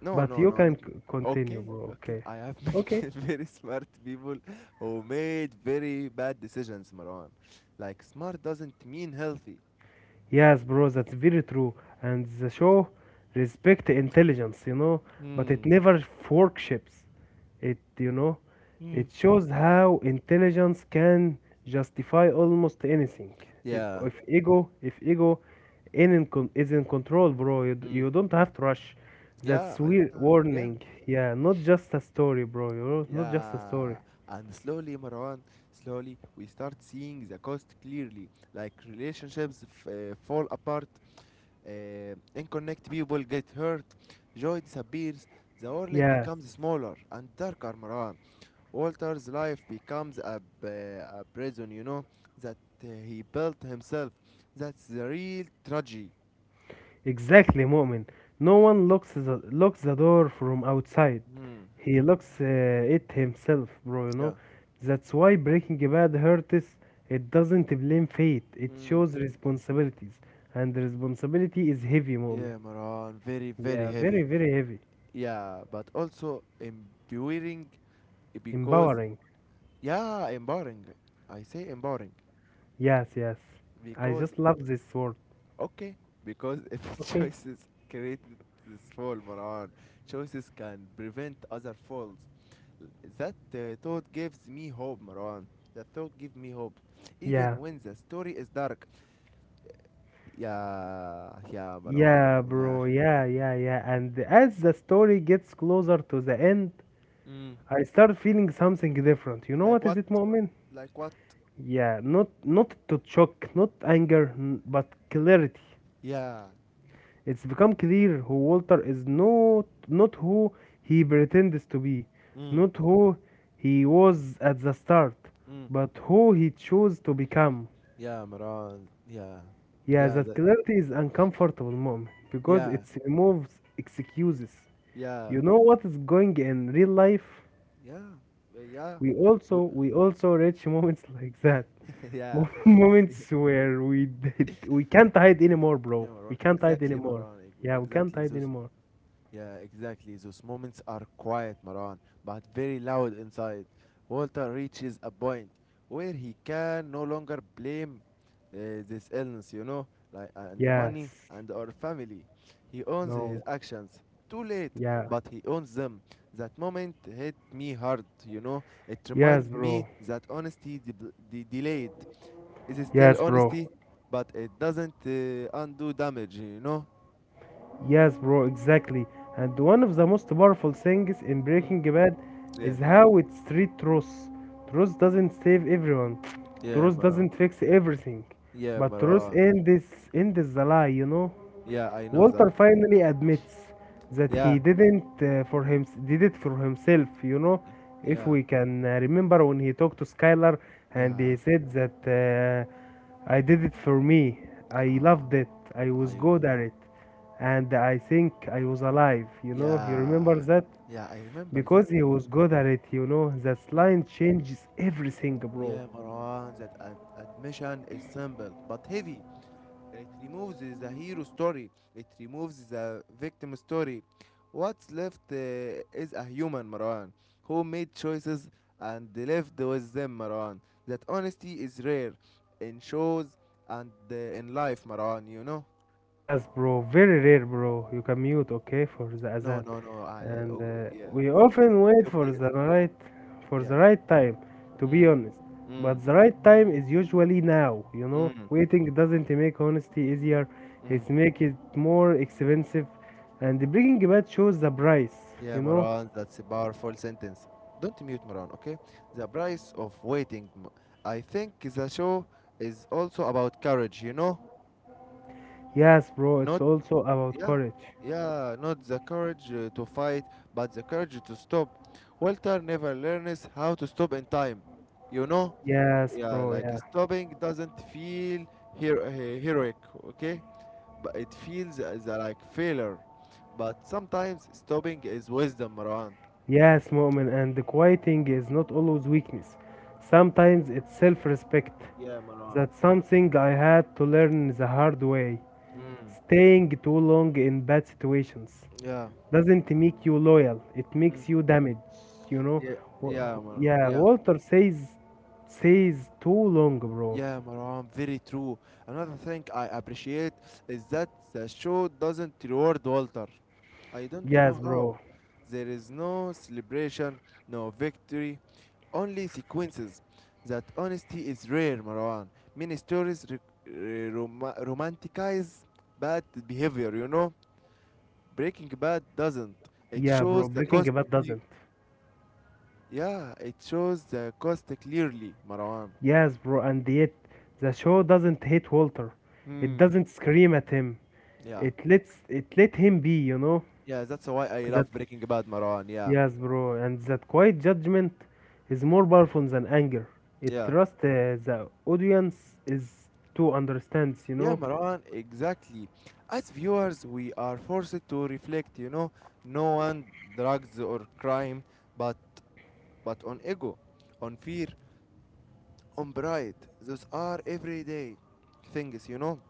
Speaker 1: No,
Speaker 2: but
Speaker 1: no,
Speaker 2: you
Speaker 1: no.
Speaker 2: can
Speaker 1: Let me.
Speaker 2: continue,
Speaker 1: Okay,
Speaker 2: bro.
Speaker 1: okay.
Speaker 2: Okay,
Speaker 1: I have
Speaker 2: okay.
Speaker 1: met very smart people who made very bad decisions, Marwan. Like smart doesn't mean healthy.
Speaker 2: Yes, bro, that's very true. And the show respect intelligence, you know, but it
Speaker 1: Hmm.
Speaker 2: never forkships. It, you know,
Speaker 1: Hmm.
Speaker 2: it shows how intelligence can justify almost anything.
Speaker 1: Yeah.
Speaker 2: If ego is in control, bro,
Speaker 1: Mm.
Speaker 2: you don't have to rush. That's
Speaker 1: Yeah, I
Speaker 2: weird
Speaker 1: don't know. Yeah.
Speaker 2: warning. Yeah, not just a story, bro. You know, not just a story.
Speaker 1: Yeah. And slowly, Marwan, slowly, we start seeing the cost clearly. Like relationships fall apart, unconnect people get hurt, joy disappears, the world
Speaker 2: Yes.
Speaker 1: becomes smaller and darker, Marwan. Walter's life becomes a prison, you know, that he built himself. That's the real tragedy.
Speaker 2: Exactly, Mu'min. No one locks locks the door from outside.
Speaker 1: Mm,
Speaker 2: He locks it himself, bro, you
Speaker 1: yeah.
Speaker 2: know. That's why Breaking Bad hurts. It doesn't blame fate. It
Speaker 1: Mm,
Speaker 2: shows responsibilities. And responsibility is heavy, Mu'min.
Speaker 1: yeah, Maran. Very, very
Speaker 2: Yeah, very,
Speaker 1: heavy.
Speaker 2: very heavy.
Speaker 1: Yeah, but also empowering because,
Speaker 2: Empowering.
Speaker 1: yeah, empowering. I say empowering
Speaker 2: Yes, yes. I
Speaker 1: because,
Speaker 2: just love this word.
Speaker 1: okay, because if
Speaker 2: Okay.
Speaker 1: choices created this fall, Maran, choices can prevent other falls. That thought gives me hope, Marwan. That thought gives me hope.
Speaker 2: Yeah.
Speaker 1: Even when the story is dark. Yeah, yeah,
Speaker 2: Yeah,
Speaker 1: Marwan, yeah.
Speaker 2: bro. Yeah. And as the story gets closer to the end,
Speaker 1: Mm.
Speaker 2: I start feeling something different. You know
Speaker 1: Like
Speaker 2: what is
Speaker 1: what?
Speaker 2: it, Mu'min?
Speaker 1: Like what?
Speaker 2: Yeah, not to shock, not anger, but clarity.
Speaker 1: Yeah.
Speaker 2: It's become clear who Walter is not who he pretends to be,
Speaker 1: Mm.
Speaker 2: not who he was at the start,
Speaker 1: Mm.
Speaker 2: but who he chose to become.
Speaker 1: Yeah, Marwan. Yeah.
Speaker 2: Yeah,
Speaker 1: Yeah,
Speaker 2: that clarity is uncomfortable, Mom, because
Speaker 1: yeah,
Speaker 2: it removes excuses.
Speaker 1: yeah,
Speaker 2: You know what is going in real life?
Speaker 1: yeah, yeah. We,
Speaker 2: We also reach moments like that.
Speaker 1: yeah.
Speaker 2: Moments where we can't hide anymore, bro.
Speaker 1: Yeah,
Speaker 2: We
Speaker 1: Marwan.
Speaker 2: can't hide
Speaker 1: Exactly,
Speaker 2: anymore.
Speaker 1: Marwan. ex-
Speaker 2: Yeah, we can't
Speaker 1: Exactly.
Speaker 2: hide
Speaker 1: Those
Speaker 2: anymore.
Speaker 1: Yeah, exactly. Those moments are quiet, Maran, but very loud inside. Walter reaches a point where he can no longer blame this illness, like and the money
Speaker 2: Yes.
Speaker 1: and our family. He owns his
Speaker 2: No.
Speaker 1: actions. Too late,
Speaker 2: Yeah.
Speaker 1: but he owns them. That moment hit me hard. It
Speaker 2: Yes,
Speaker 1: reminded me
Speaker 2: bro.
Speaker 1: that honesty delayed is still
Speaker 2: Yes, bro.
Speaker 1: honesty, but it doesn't undo damage.
Speaker 2: Yes, bro. Exactly. And one of the most powerful things in
Speaker 1: Mm.
Speaker 2: Breaking Bad
Speaker 1: Yeah,
Speaker 2: is how it's treat truth. Truth doesn't save everyone.
Speaker 1: yeah,
Speaker 2: Truth
Speaker 1: Maran.
Speaker 2: doesn't fix everything,
Speaker 1: Yeah,
Speaker 2: but truth
Speaker 1: Marwa.
Speaker 2: ends the lie. You know.
Speaker 1: Yeah, I know that.
Speaker 2: Walter finally admits that
Speaker 1: Yeah,
Speaker 2: he didn't for him did it for himself. You know,
Speaker 1: y-
Speaker 2: if
Speaker 1: yeah,
Speaker 2: we can remember when he talked to Skylar and
Speaker 1: yeah.
Speaker 2: he said that I did it for me. I
Speaker 1: Ah,
Speaker 2: loved it. I
Speaker 1: I.
Speaker 2: was good
Speaker 1: will-
Speaker 2: at it, and I think I was alive. You know, you
Speaker 1: Yeah,
Speaker 2: remember that
Speaker 1: yeah. I remember that,
Speaker 2: because he
Speaker 1: Marwa.
Speaker 2: was good at it. You know, that
Speaker 1: Yeah,
Speaker 2: line changes everything, bro.
Speaker 1: yeah, Marwan. That admission is simple but heavy. It removes the hero story. It removes the victim story. What's left is a human, Marwan, who made choices and lived with them, Marwan. That honesty is rare in shows and in life, Marwan. You know.
Speaker 2: Yes, bro. Very rare, bro. You can mute, okay, for the
Speaker 1: No,
Speaker 2: azan,
Speaker 1: no, no. I
Speaker 2: and
Speaker 1: Okay, yeah,
Speaker 2: we
Speaker 1: it's
Speaker 2: often
Speaker 1: it's
Speaker 2: wait
Speaker 1: okay.
Speaker 2: for
Speaker 1: Yeah.
Speaker 2: the right time, to be
Speaker 1: Mm,
Speaker 2: honest.
Speaker 1: mm,
Speaker 2: But the right time is usually now. You know,
Speaker 1: mm,
Speaker 2: waiting doesn't make honesty easier.
Speaker 1: mm.
Speaker 2: It's make it more expensive, and the bringing bad shows the price.
Speaker 1: Yeah,
Speaker 2: You know.
Speaker 1: Moran, that's a powerful sentence. Don't mute Moran, okay? The price of waiting. I think the show is also about courage, you know?
Speaker 2: Yes, bro. It's
Speaker 1: Not
Speaker 2: also about
Speaker 1: Yeah.
Speaker 2: courage.
Speaker 1: Yeah, not the courage to fight, but the courage to stop. Walter never learns how to stop in time. You know?
Speaker 2: Yes,
Speaker 1: Yeah,
Speaker 2: bro.
Speaker 1: like
Speaker 2: Yeah.
Speaker 1: stopping doesn't feel hero- uh, heroic, okay? But it feels as like failure. But sometimes stopping is wisdom, Marwan.
Speaker 2: Yes, Mu'min, and quieting is not always weakness. Sometimes it's self respect.
Speaker 1: Yeah, Marwan.
Speaker 2: That's something I had to learn the hard way.
Speaker 1: Mm.
Speaker 2: Staying too long in bad situations
Speaker 1: Yeah.
Speaker 2: doesn't make you loyal, it
Speaker 1: Mm.
Speaker 2: makes you damaged, you know?
Speaker 1: Yeah.
Speaker 2: Wa-
Speaker 1: Yeah, Maran.
Speaker 2: Yeah,
Speaker 1: Yeah.
Speaker 2: Walter says, says too long, bro.
Speaker 1: Yeah, Marwan. Very true. Another thing I appreciate is that the show doesn't reward Walter. I don't
Speaker 2: Yes,
Speaker 1: know how.
Speaker 2: bro.
Speaker 1: There is no celebration, no victory, only sequences. That honesty is rare, Marwan. Many stories romanticize bad behavior, you know? Breaking Bad doesn't. It
Speaker 2: Yeah, bro,
Speaker 1: shows the
Speaker 2: Breaking
Speaker 1: cost.
Speaker 2: Bad doesn't.
Speaker 1: Yeah, it shows the cost clearly, Marwan.
Speaker 2: Yes, bro, and yet the show doesn't hate Walter. It
Speaker 1: Hmm.
Speaker 2: doesn't scream at him.
Speaker 1: Yeah.
Speaker 2: It let him be, you know?
Speaker 1: Yeah, that's why I
Speaker 2: That
Speaker 1: love Breaking Bad, Marwan. Yeah.
Speaker 2: Yes, bro, and that quiet judgment is more powerful than anger. It
Speaker 1: Yeah.
Speaker 2: trusts the audience is to understands, you
Speaker 1: Yeah,
Speaker 2: know?
Speaker 1: Marwan, exactly. As viewers, we are forced to reflect, no one drugs or crime, but but on ego, on fear, on pride. Those are everyday things.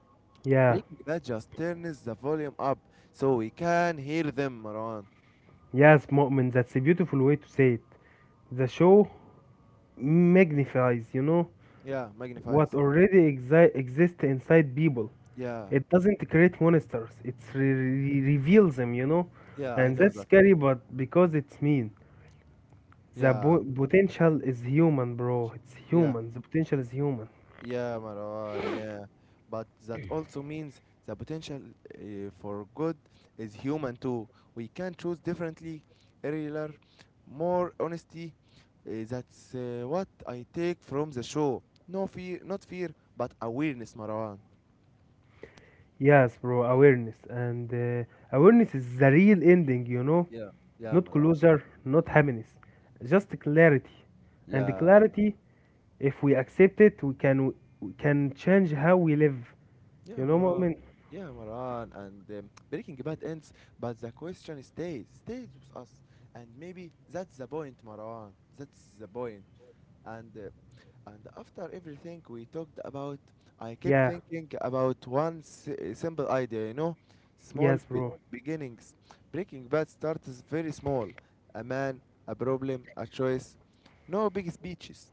Speaker 2: Yeah.
Speaker 1: Breaking Bad just turns the volume up so we can hear them, Marwan.
Speaker 2: Yes, Mu'min, that's a beautiful way to say it. The show magnifies, you know,
Speaker 1: Yeah,
Speaker 2: what
Speaker 1: magnifies.
Speaker 2: already exists inside people.
Speaker 1: Yeah.
Speaker 2: It doesn't create monsters. It re-
Speaker 1: Mm.
Speaker 2: re- reveals them, you know,
Speaker 1: Yeah, I
Speaker 2: and
Speaker 1: know
Speaker 2: that's
Speaker 1: that.
Speaker 2: scary. But because it's mean,
Speaker 1: Yeah.
Speaker 2: potential is human, bro. It's
Speaker 1: Yeah.
Speaker 2: human. The potential is human.
Speaker 1: Yeah, Marwan. Yeah. But that also means the potential for good is human too. We can choose differently, earlier, more honesty. That's what I take from the show. No fear, not fear, but awareness, Marwan.
Speaker 2: Yes, bro. Awareness and awareness is the real ending, you know.
Speaker 1: Yeah. Yeah,
Speaker 2: Not
Speaker 1: Marwan.
Speaker 2: closure, not happiness, just clarity. And the
Speaker 1: Yeah.
Speaker 2: clarity, if we accept it, we can change how we live.
Speaker 1: Yeah,
Speaker 2: You know,
Speaker 1: Maran.
Speaker 2: Mu'min?
Speaker 1: Yeah, Maran. And Breaking Bad ends, but the question stays with us. And maybe that's the point, Maran. That's the point. And uh, and after everything we talked about, I kept
Speaker 2: Yeah.
Speaker 1: thinking about one simple idea. You know, small
Speaker 2: Yes,
Speaker 1: be-
Speaker 2: bro.
Speaker 1: beginnings. Breaking Bad starts very small. A man, a problem, a choice. No big speeches.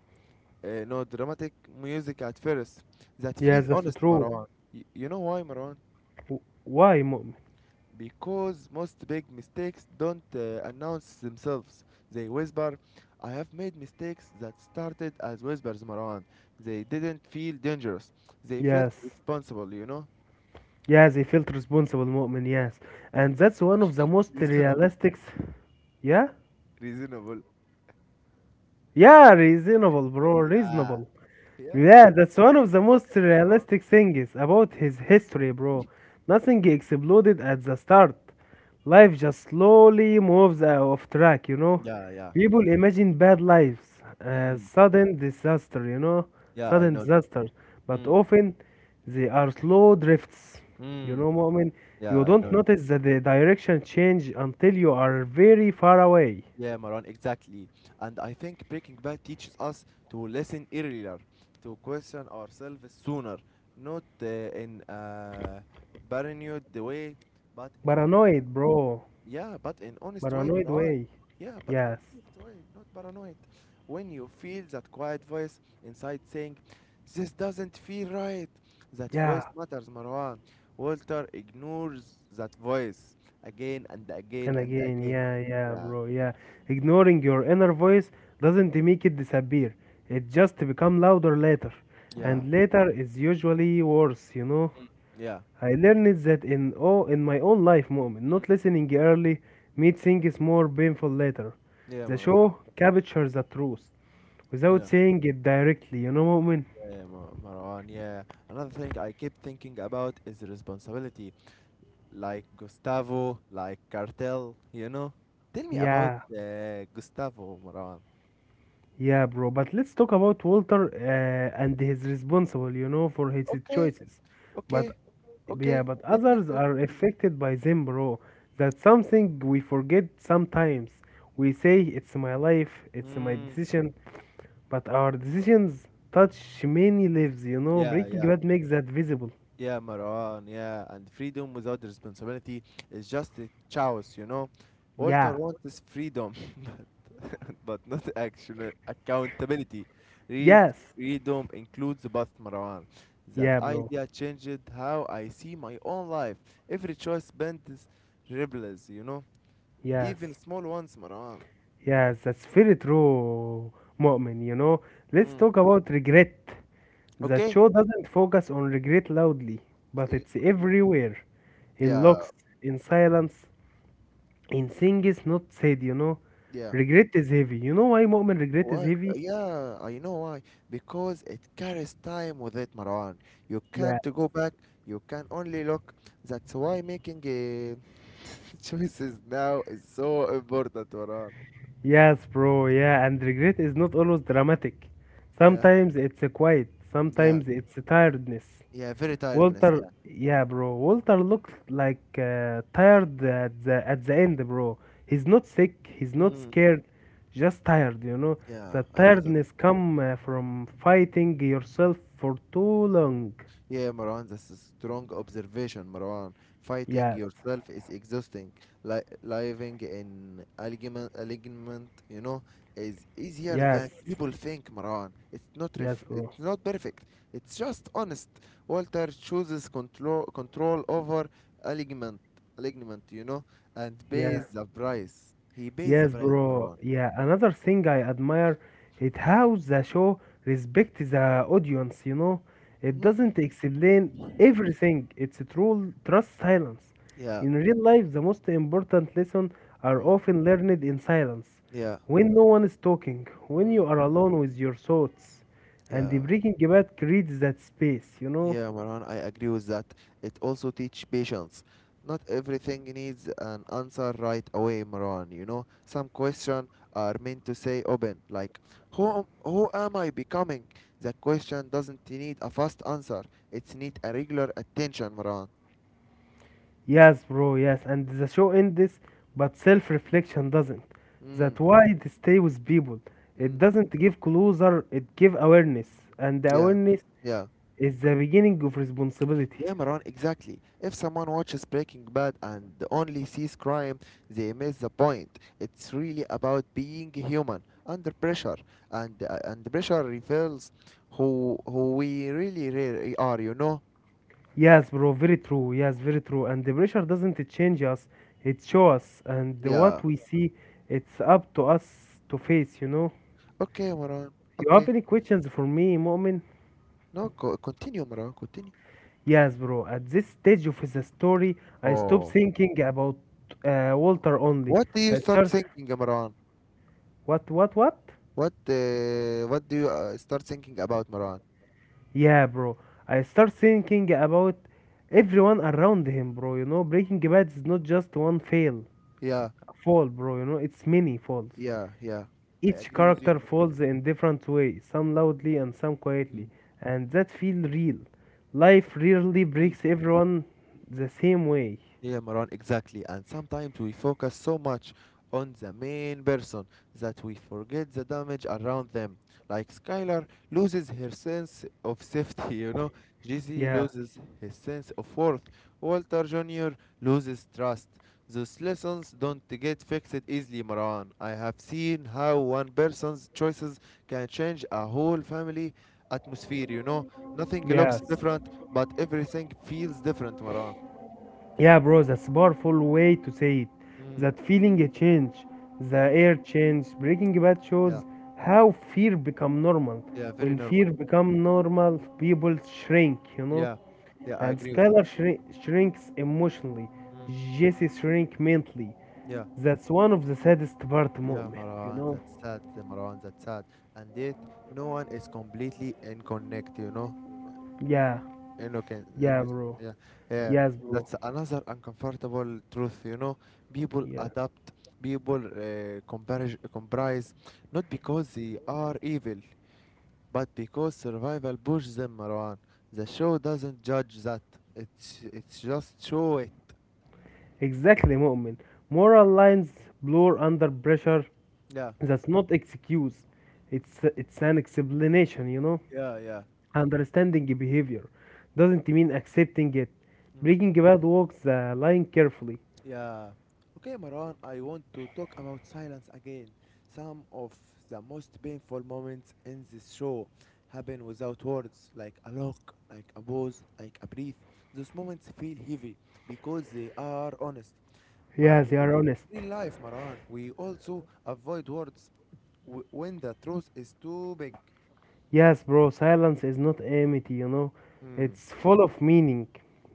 Speaker 1: No, dramatic music at first that
Speaker 2: Yes,
Speaker 1: feel
Speaker 2: that's
Speaker 1: honest,
Speaker 2: true.
Speaker 1: Marwan. You know why, Marwan?
Speaker 2: W- Why, Mu'min?
Speaker 1: Because most big mistakes don't announce themselves. They whisper. I have made mistakes that started as whispers, Marwan. They didn't feel dangerous. They felt
Speaker 2: Yes.
Speaker 1: responsible, you know?
Speaker 2: Yes, he felt responsible, Mu'min, yes. And that's one of the most
Speaker 1: Reasonable.
Speaker 2: realistic. Yeah?
Speaker 1: Reasonable.
Speaker 2: Yeah, reasonable, bro,
Speaker 1: Yeah.
Speaker 2: reasonable.
Speaker 1: Yeah.
Speaker 2: Yeah, that's one of the most
Speaker 1: Focus, Marwan.
Speaker 2: realistic things about his history, bro. Nothing exploded at the start. Life just slowly moves out of track, you know.
Speaker 1: Yeah, yeah.
Speaker 2: People imagine bad lives as
Speaker 1: Mm.
Speaker 2: sudden disaster, you know,
Speaker 1: Yeah, I
Speaker 2: sudden
Speaker 1: know that.
Speaker 2: disasters. But
Speaker 1: Mm.
Speaker 2: often they are slow drifts, you
Speaker 1: Mm.
Speaker 2: know, moment.
Speaker 1: Yeah,
Speaker 2: You
Speaker 1: I
Speaker 2: don't
Speaker 1: know that.
Speaker 2: notice that the direction change until you are very far away.
Speaker 1: Yeah, Maran, exactly. And I think Breaking Bad teaches us to listen earlier, to question ourselves sooner, not in a paranoid way, but in
Speaker 2: Paranoid, bro.
Speaker 1: honest way,
Speaker 2: Paranoid
Speaker 1: Maran.
Speaker 2: way.
Speaker 1: Yeah, but in
Speaker 2: Yes.
Speaker 1: honest way, not paranoid. When you feel that quiet voice inside saying, "This doesn't feel right," that voice
Speaker 2: Yeah.
Speaker 1: matters, Marwan. Walter ignores that voice again and again
Speaker 2: And
Speaker 1: and
Speaker 2: again,
Speaker 1: again.
Speaker 2: yeah, yeah,
Speaker 1: Yeah,
Speaker 2: bro, yeah. Ignoring your inner voice doesn't make it disappear. It just become louder later.
Speaker 1: yeah.
Speaker 2: And later is usually worse, you know.
Speaker 1: Mm, yeah.
Speaker 2: I learned that in in my own life moment,
Speaker 1: Mm.
Speaker 2: not listening early made things more painful later.
Speaker 1: Yeah,
Speaker 2: The
Speaker 1: Marwan.
Speaker 2: show captures the truth without
Speaker 1: Yeah,
Speaker 2: saying it directly, you know moment.
Speaker 1: yeah, yeah, Marwan. Yeah. Another thing I keep thinking about is responsibility, like Gustavo, like Cartel, you know? Tell me about
Speaker 2: Yeah.
Speaker 1: Gustavo, Marwan.
Speaker 2: Yeah, bro, but let's talk about Walter and his responsible, you know, for his
Speaker 1: Okay,
Speaker 2: choices. But
Speaker 1: okay, okay.
Speaker 2: yeah, but
Speaker 1: Let me
Speaker 2: others
Speaker 1: talk.
Speaker 2: are affected by them, bro. That's something we forget sometimes. We say it's my life, it's my
Speaker 1: Mm,
Speaker 2: decision, but our decisions touch many lives, you know.
Speaker 1: yeah,
Speaker 2: Breaking
Speaker 1: yeah.
Speaker 2: Bad makes that visible.
Speaker 1: Yeah, Maran, yeah, and freedom without responsibility is just a chaos. Walter
Speaker 2: Yeah.
Speaker 1: wants freedom, but but not action accountability. Real
Speaker 2: Yes.
Speaker 1: freedom includes both, Marwan. That
Speaker 2: Yeah, bro.
Speaker 1: idea changed how I see my own life. Every choice bends ripples, even
Speaker 2: Yes.
Speaker 1: small ones, Marwan.
Speaker 2: Yes, that's very true, Mu'min, you know. Let's
Speaker 1: Mm.
Speaker 2: talk about regret. The
Speaker 1: Okay,
Speaker 2: show doesn't focus on regret loudly, but
Speaker 1: Y-
Speaker 2: it's everywhere. In
Speaker 1: yeah,
Speaker 2: looks, in silence, in things not said, you know.
Speaker 1: yeah.
Speaker 2: Regret is heavy. You know why Mu'min regret is
Speaker 1: What?
Speaker 2: heavy?
Speaker 1: Yeah, I know why. Because it carries time with it, Marwan. You
Speaker 2: Yeah.
Speaker 1: can't go back. You can only look. That's why making choices now is so important, Marwan.
Speaker 2: Yes, bro, yeah, and regret is not always dramatic.
Speaker 1: Yeah,
Speaker 2: Sometimes it's a quiet,
Speaker 1: yeah,
Speaker 2: sometimes it's a tiredness,
Speaker 1: yeah. Very tiredness.
Speaker 2: Walter,
Speaker 1: Yeah.
Speaker 2: yeah, bro. Walter looks like tired at the end, bro. He's not sick. He's not
Speaker 1: Mm,
Speaker 2: scared. Just tired, you know.
Speaker 1: yeah,
Speaker 2: The
Speaker 1: I know that.
Speaker 2: tiredness come from fighting yourself for too long.
Speaker 1: Yeah, Marwan, that's a strong observation, Marwan. Fighting
Speaker 2: Yes,
Speaker 1: yourself is exhausting. Living in alignment, is easier
Speaker 2: yes,
Speaker 1: than people think, Marwan. It's not
Speaker 2: yes,
Speaker 1: ref-
Speaker 2: bro.
Speaker 1: it's not perfect. It's just honest. Walter chooses control over alignment, alignment, and
Speaker 2: Yeah.
Speaker 1: pays the price. He pays the
Speaker 2: Yes,
Speaker 1: price,
Speaker 2: bro.
Speaker 1: Marwan.
Speaker 2: Yeah, another thing I admire it how the show respects the audience, you know. It
Speaker 1: Mhm.
Speaker 2: doesn't explain everything. It's a true trust silence.
Speaker 1: Yeah.
Speaker 2: In real life, the most important lessons are
Speaker 1: Mm.
Speaker 2: often learned in silence.
Speaker 1: Yeah.
Speaker 2: When no one is talking, when you
Speaker 1: Mm.
Speaker 2: are alone with your thoughts, and the
Speaker 1: Yeah.
Speaker 2: Breaking Bad creates that space, you know.
Speaker 1: Yeah, Maran, I agree with that. It also teach patience. Not everything needs an answer right away, Maran. You know, some questions are meant to say open, like who am I becoming? The question doesn't need a fast answer. It needs a regular attention, Maran.
Speaker 2: Yes, bro, yes, and the show ends, but self reflection doesn't.
Speaker 1: Mm,
Speaker 2: That why it stay with people. It
Speaker 1: mm,
Speaker 2: doesn't give closer, it give awareness, and the
Speaker 1: yeah,
Speaker 2: awareness
Speaker 1: yeah.
Speaker 2: is the beginning of responsibility.
Speaker 1: Yeah, Maran, exactly. If someone watches Breaking Bad and only sees crime, they miss the point. It's really about being human under pressure, and pressure reveals who we really really are. You know?
Speaker 2: Yes, bro, very true. Yes, very true. And the pressure doesn't change us, it shows us, and
Speaker 1: Yeah.
Speaker 2: what we see, it's up to us to face, you know.
Speaker 1: Okay, Maran.
Speaker 2: You have
Speaker 1: Okay.
Speaker 2: any questions for me, Mu'min?
Speaker 1: No, continue, Maran. Continue.
Speaker 2: Yes, bro. At this stage of the story, I stopped
Speaker 1: Oh,
Speaker 2: thinking about Walter only.
Speaker 1: what do you
Speaker 2: I
Speaker 1: start
Speaker 2: start
Speaker 1: thinking, Maran?
Speaker 2: what what?
Speaker 1: What do you start thinking about, Maran?
Speaker 2: Yeah, bro. I start thinking about everyone around him, bro. You know, Breaking Bad is not just one
Speaker 1: Yeah,
Speaker 2: fall, bro. You know, it's many falls.
Speaker 1: yeah, yeah. I
Speaker 2: Each
Speaker 1: agree with you,
Speaker 2: character
Speaker 1: Maran.
Speaker 2: falls in different way, some loudly and some quietly, and that feel real. Life rarely
Speaker 1: Mm.
Speaker 2: breaks everyone the same way.
Speaker 1: Yeah, Maran, exactly. And sometimes we focus so much on the main person that we forget the damage around them. Like Skylar loses her sense of safety, Jesse
Speaker 2: Yeah.
Speaker 1: loses his sense of worth, Walter Jr. loses trust. Those lessons don't get fixed easily, Maran. I have seen how one person's choices can change a whole family atmosphere. Nothing looks
Speaker 2: Yes.
Speaker 1: different, but everything feels different, Maran.
Speaker 2: Yeah, bro, that's a powerful way to say it,
Speaker 1: Mm.
Speaker 2: that feeling a change, the
Speaker 1: Mm.
Speaker 2: air change. Breaking Bad shows
Speaker 1: Yeah,
Speaker 2: how fear become normal.
Speaker 1: yeah, very
Speaker 2: When
Speaker 1: normal.
Speaker 2: fear become normal, people shrink, you know,
Speaker 1: Yeah, yeah, I
Speaker 2: and
Speaker 1: agree with that.
Speaker 2: Skylar shrinks emotionally,
Speaker 1: Mm,
Speaker 2: Jesse shrink mentally.
Speaker 1: yeah,
Speaker 2: That's one of the saddest part
Speaker 1: yeah,
Speaker 2: moment, you
Speaker 1: Marwan,
Speaker 2: know.
Speaker 1: that's sad, the Marwan, that's sad. And yet, no one is completely in connect, you know?
Speaker 2: Yeah,
Speaker 1: Okay,
Speaker 2: yeah,
Speaker 1: innocent,
Speaker 2: bro.
Speaker 1: yeah, yeah.
Speaker 2: Yes, bro.
Speaker 1: That's another uncomfortable truth, you know? People
Speaker 2: Yeah.
Speaker 1: adapt, people compare, comprise, not because they are evil, but because survival pushes them, Marwan. The show doesn't judge that. It's just show it.
Speaker 2: Exactly, Mu'min. Moral lines blur under pressure.
Speaker 1: Yeah,
Speaker 2: That's not excuse. It's an explanation, you know.
Speaker 1: yeah, yeah.
Speaker 2: Understanding the behavior doesn't mean accepting it. Breaking bad walks the line carefully.
Speaker 1: Yeah. Okay, Maran, I want to talk about silence again. Some of the most painful moments in this show happen without words, like a look, like a pause, like a breath. Those moments feel heavy because they are honest. But
Speaker 2: Yeah, they are
Speaker 1: like
Speaker 2: honest.
Speaker 1: in real life, Maran, we also avoid words when the truth is too big.
Speaker 2: Yes, bro, silence is not empty, you know.
Speaker 1: Hmm.
Speaker 2: It's full of meaning.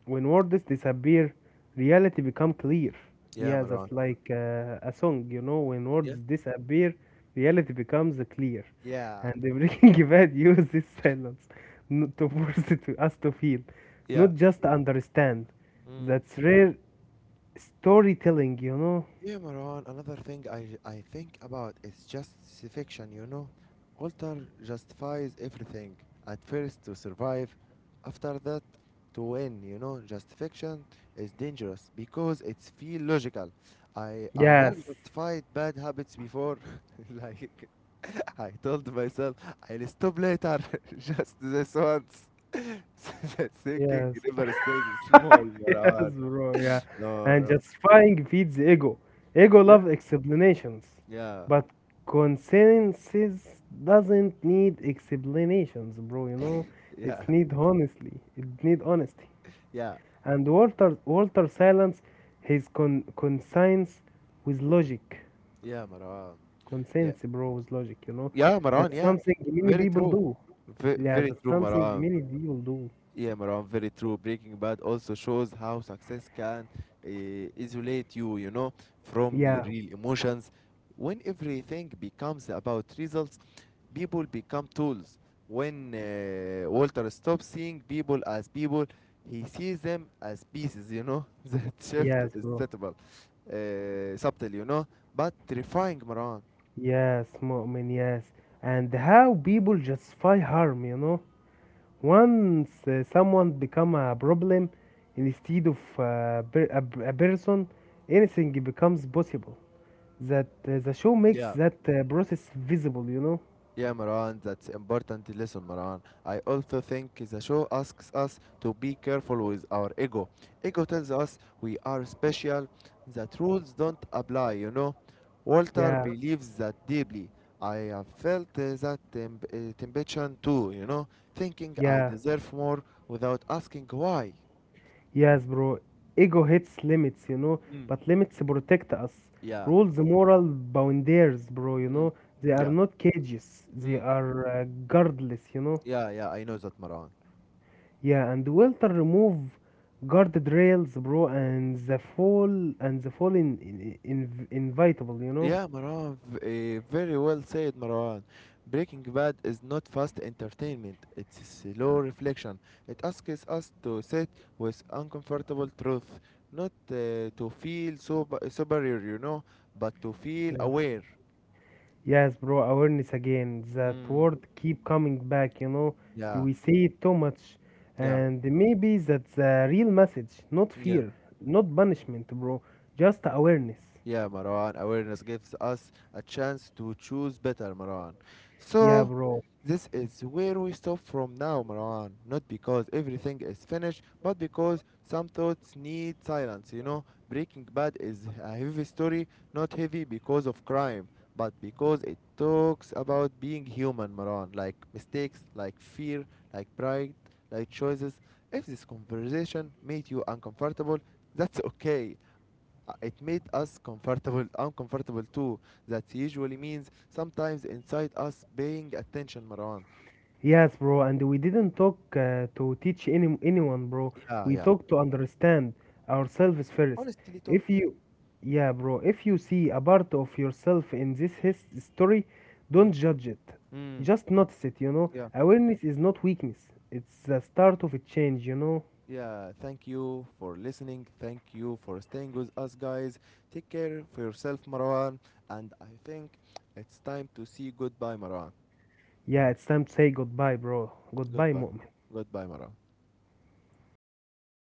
Speaker 2: When words disappear, reality become clear.
Speaker 1: Yeah,
Speaker 2: Yeah,
Speaker 1: Maran.
Speaker 2: that's like a song, you know. When
Speaker 1: Yeah.
Speaker 2: words disappear, reality becomes clear.
Speaker 1: Yeah.
Speaker 2: And the Breaking Bad uses silence to force it to us to feel,
Speaker 1: Yeah.
Speaker 2: not just to understand.
Speaker 1: Hmm.
Speaker 2: That's rare storytelling, you know.
Speaker 1: Yeah, Maran, another thing I think about is justification, you know? Walter justifies everything, at first to survive, after that to win, you know? Justification is dangerous because it's feel logical. I have
Speaker 2: Yes,
Speaker 1: justified bad habits before, like I told myself, I'll stop later, just this once. That thinking
Speaker 2: yes.
Speaker 1: never stays small,
Speaker 2: yes,
Speaker 1: Maran.
Speaker 2: bro. Yeah,
Speaker 1: No,
Speaker 2: and
Speaker 1: no.
Speaker 2: justifying feeds ego. Ego
Speaker 1: Yeah?
Speaker 2: loves explanations,
Speaker 1: Yeah,
Speaker 2: but consensus doesn't need explanations, bro. You know,
Speaker 1: yeah.
Speaker 2: it need honestly. It need honesty.
Speaker 1: Yeah,
Speaker 2: And Walter silence his conscience with logic.
Speaker 1: yeah, Maran. Yeah,
Speaker 2: Conscience, bro, with logic. You know,
Speaker 1: yeah, Maran.
Speaker 2: that's
Speaker 1: Yeah,
Speaker 2: something many
Speaker 1: very
Speaker 2: people
Speaker 1: true.
Speaker 2: do.
Speaker 1: Ve-
Speaker 2: Yeah,
Speaker 1: very
Speaker 2: that's
Speaker 1: true,
Speaker 2: something
Speaker 1: Maran.
Speaker 2: many people do.
Speaker 1: Yeah, Maran. Very true. Breaking Bad also shows how success can uh, isolate you, from
Speaker 2: Yeah.
Speaker 1: real emotions. When everything becomes about results, people become tools. When Walter stops seeing people as people, he sees them as pieces. That shift
Speaker 2: Yes,
Speaker 1: is
Speaker 2: bro.
Speaker 1: subtle, but terrifying, Maran.
Speaker 2: Yes, Mu'min, yes. And how people justify harm, you know? Once someone become a problem instead of a person, anything becomes possible. That the show makes that process visible, you know?
Speaker 1: Yeah, Maran, that's important lesson, Maran. I also think the show asks us to be careful with our ego. Ego tells us we are special, that rules don't apply. Walter
Speaker 2: Yeah,
Speaker 1: believes that deeply. I have felt that temptation too, thinking I
Speaker 2: yeah,
Speaker 1: deserve more without asking why.
Speaker 2: yes, bro. Ego hits limits, you know,
Speaker 1: Mm.
Speaker 2: but limits protect us.
Speaker 1: Yeah.
Speaker 2: Rules, moral boundaries, bro, you
Speaker 1: Mm.
Speaker 2: know? They are
Speaker 1: Yeah.
Speaker 2: not cages, they
Speaker 1: Mm.
Speaker 2: are guardless, you know?
Speaker 1: Yeah, yeah, I know that, Maran.
Speaker 2: Yeah, and Welter remove guardrails, bro, and the fall in invitable, you know.
Speaker 1: Yeah, Marwan, very well said, Marwan. Breaking Bad is not fast entertainment, it's slow reflection. It asks us to sit with uncomfortable truth, not to feel superior, but to feel
Speaker 2: Yeah.
Speaker 1: aware.
Speaker 2: Yes, bro. Awareness again. That
Speaker 1: Mm.
Speaker 2: word keep coming back. You know,
Speaker 1: Yeah,
Speaker 2: we say it too much,
Speaker 1: yeah,
Speaker 2: and maybe that's the real message. Not
Speaker 1: yeah.
Speaker 2: fear, not punishment, bro. Just awareness.
Speaker 1: Yeah, Marwan, awareness gives us a chance to choose better, Marwan.
Speaker 2: Yeah,
Speaker 1: So,
Speaker 2: bro.
Speaker 1: this is where we stop from now, Marwan. Not because everything is finished, but because some thoughts need silence, you know? Breaking Bad is a heavy story, not heavy because of crime, but because it talks about being human, Marwan. Like mistakes, like fear, like pride, like choices. If this conversation made you uncomfortable, that's okay. It made us comfortable, uncomfortable too. That usually means sometimes inside us paying attention, Marwan.
Speaker 2: Yes, bro, and we didn't talk to teach any anyone, bro.
Speaker 1: Yeah,
Speaker 2: We
Speaker 1: yeah.
Speaker 2: talk to understand ourselves first.
Speaker 1: Honestly, talk.
Speaker 2: If
Speaker 1: Yeah.
Speaker 2: you, yeah, bro, if you see a part of yourself in this his story,
Speaker 1: Mm.
Speaker 2: don't judge it.
Speaker 1: Mm.
Speaker 2: Just notice it, you know.
Speaker 1: Yeah,
Speaker 2: Awareness is not weakness. It's the start of a change, you know.
Speaker 1: yeah. Thank you for listening. Thank you for staying with us, guys. Take care for yourself, Marwan. And I think it's time to see goodbye, Marwan.
Speaker 2: Yeah, it's time to say goodbye, bro. Goodbye,
Speaker 1: Goodbye,
Speaker 2: mom.
Speaker 1: goodbye, Marwan.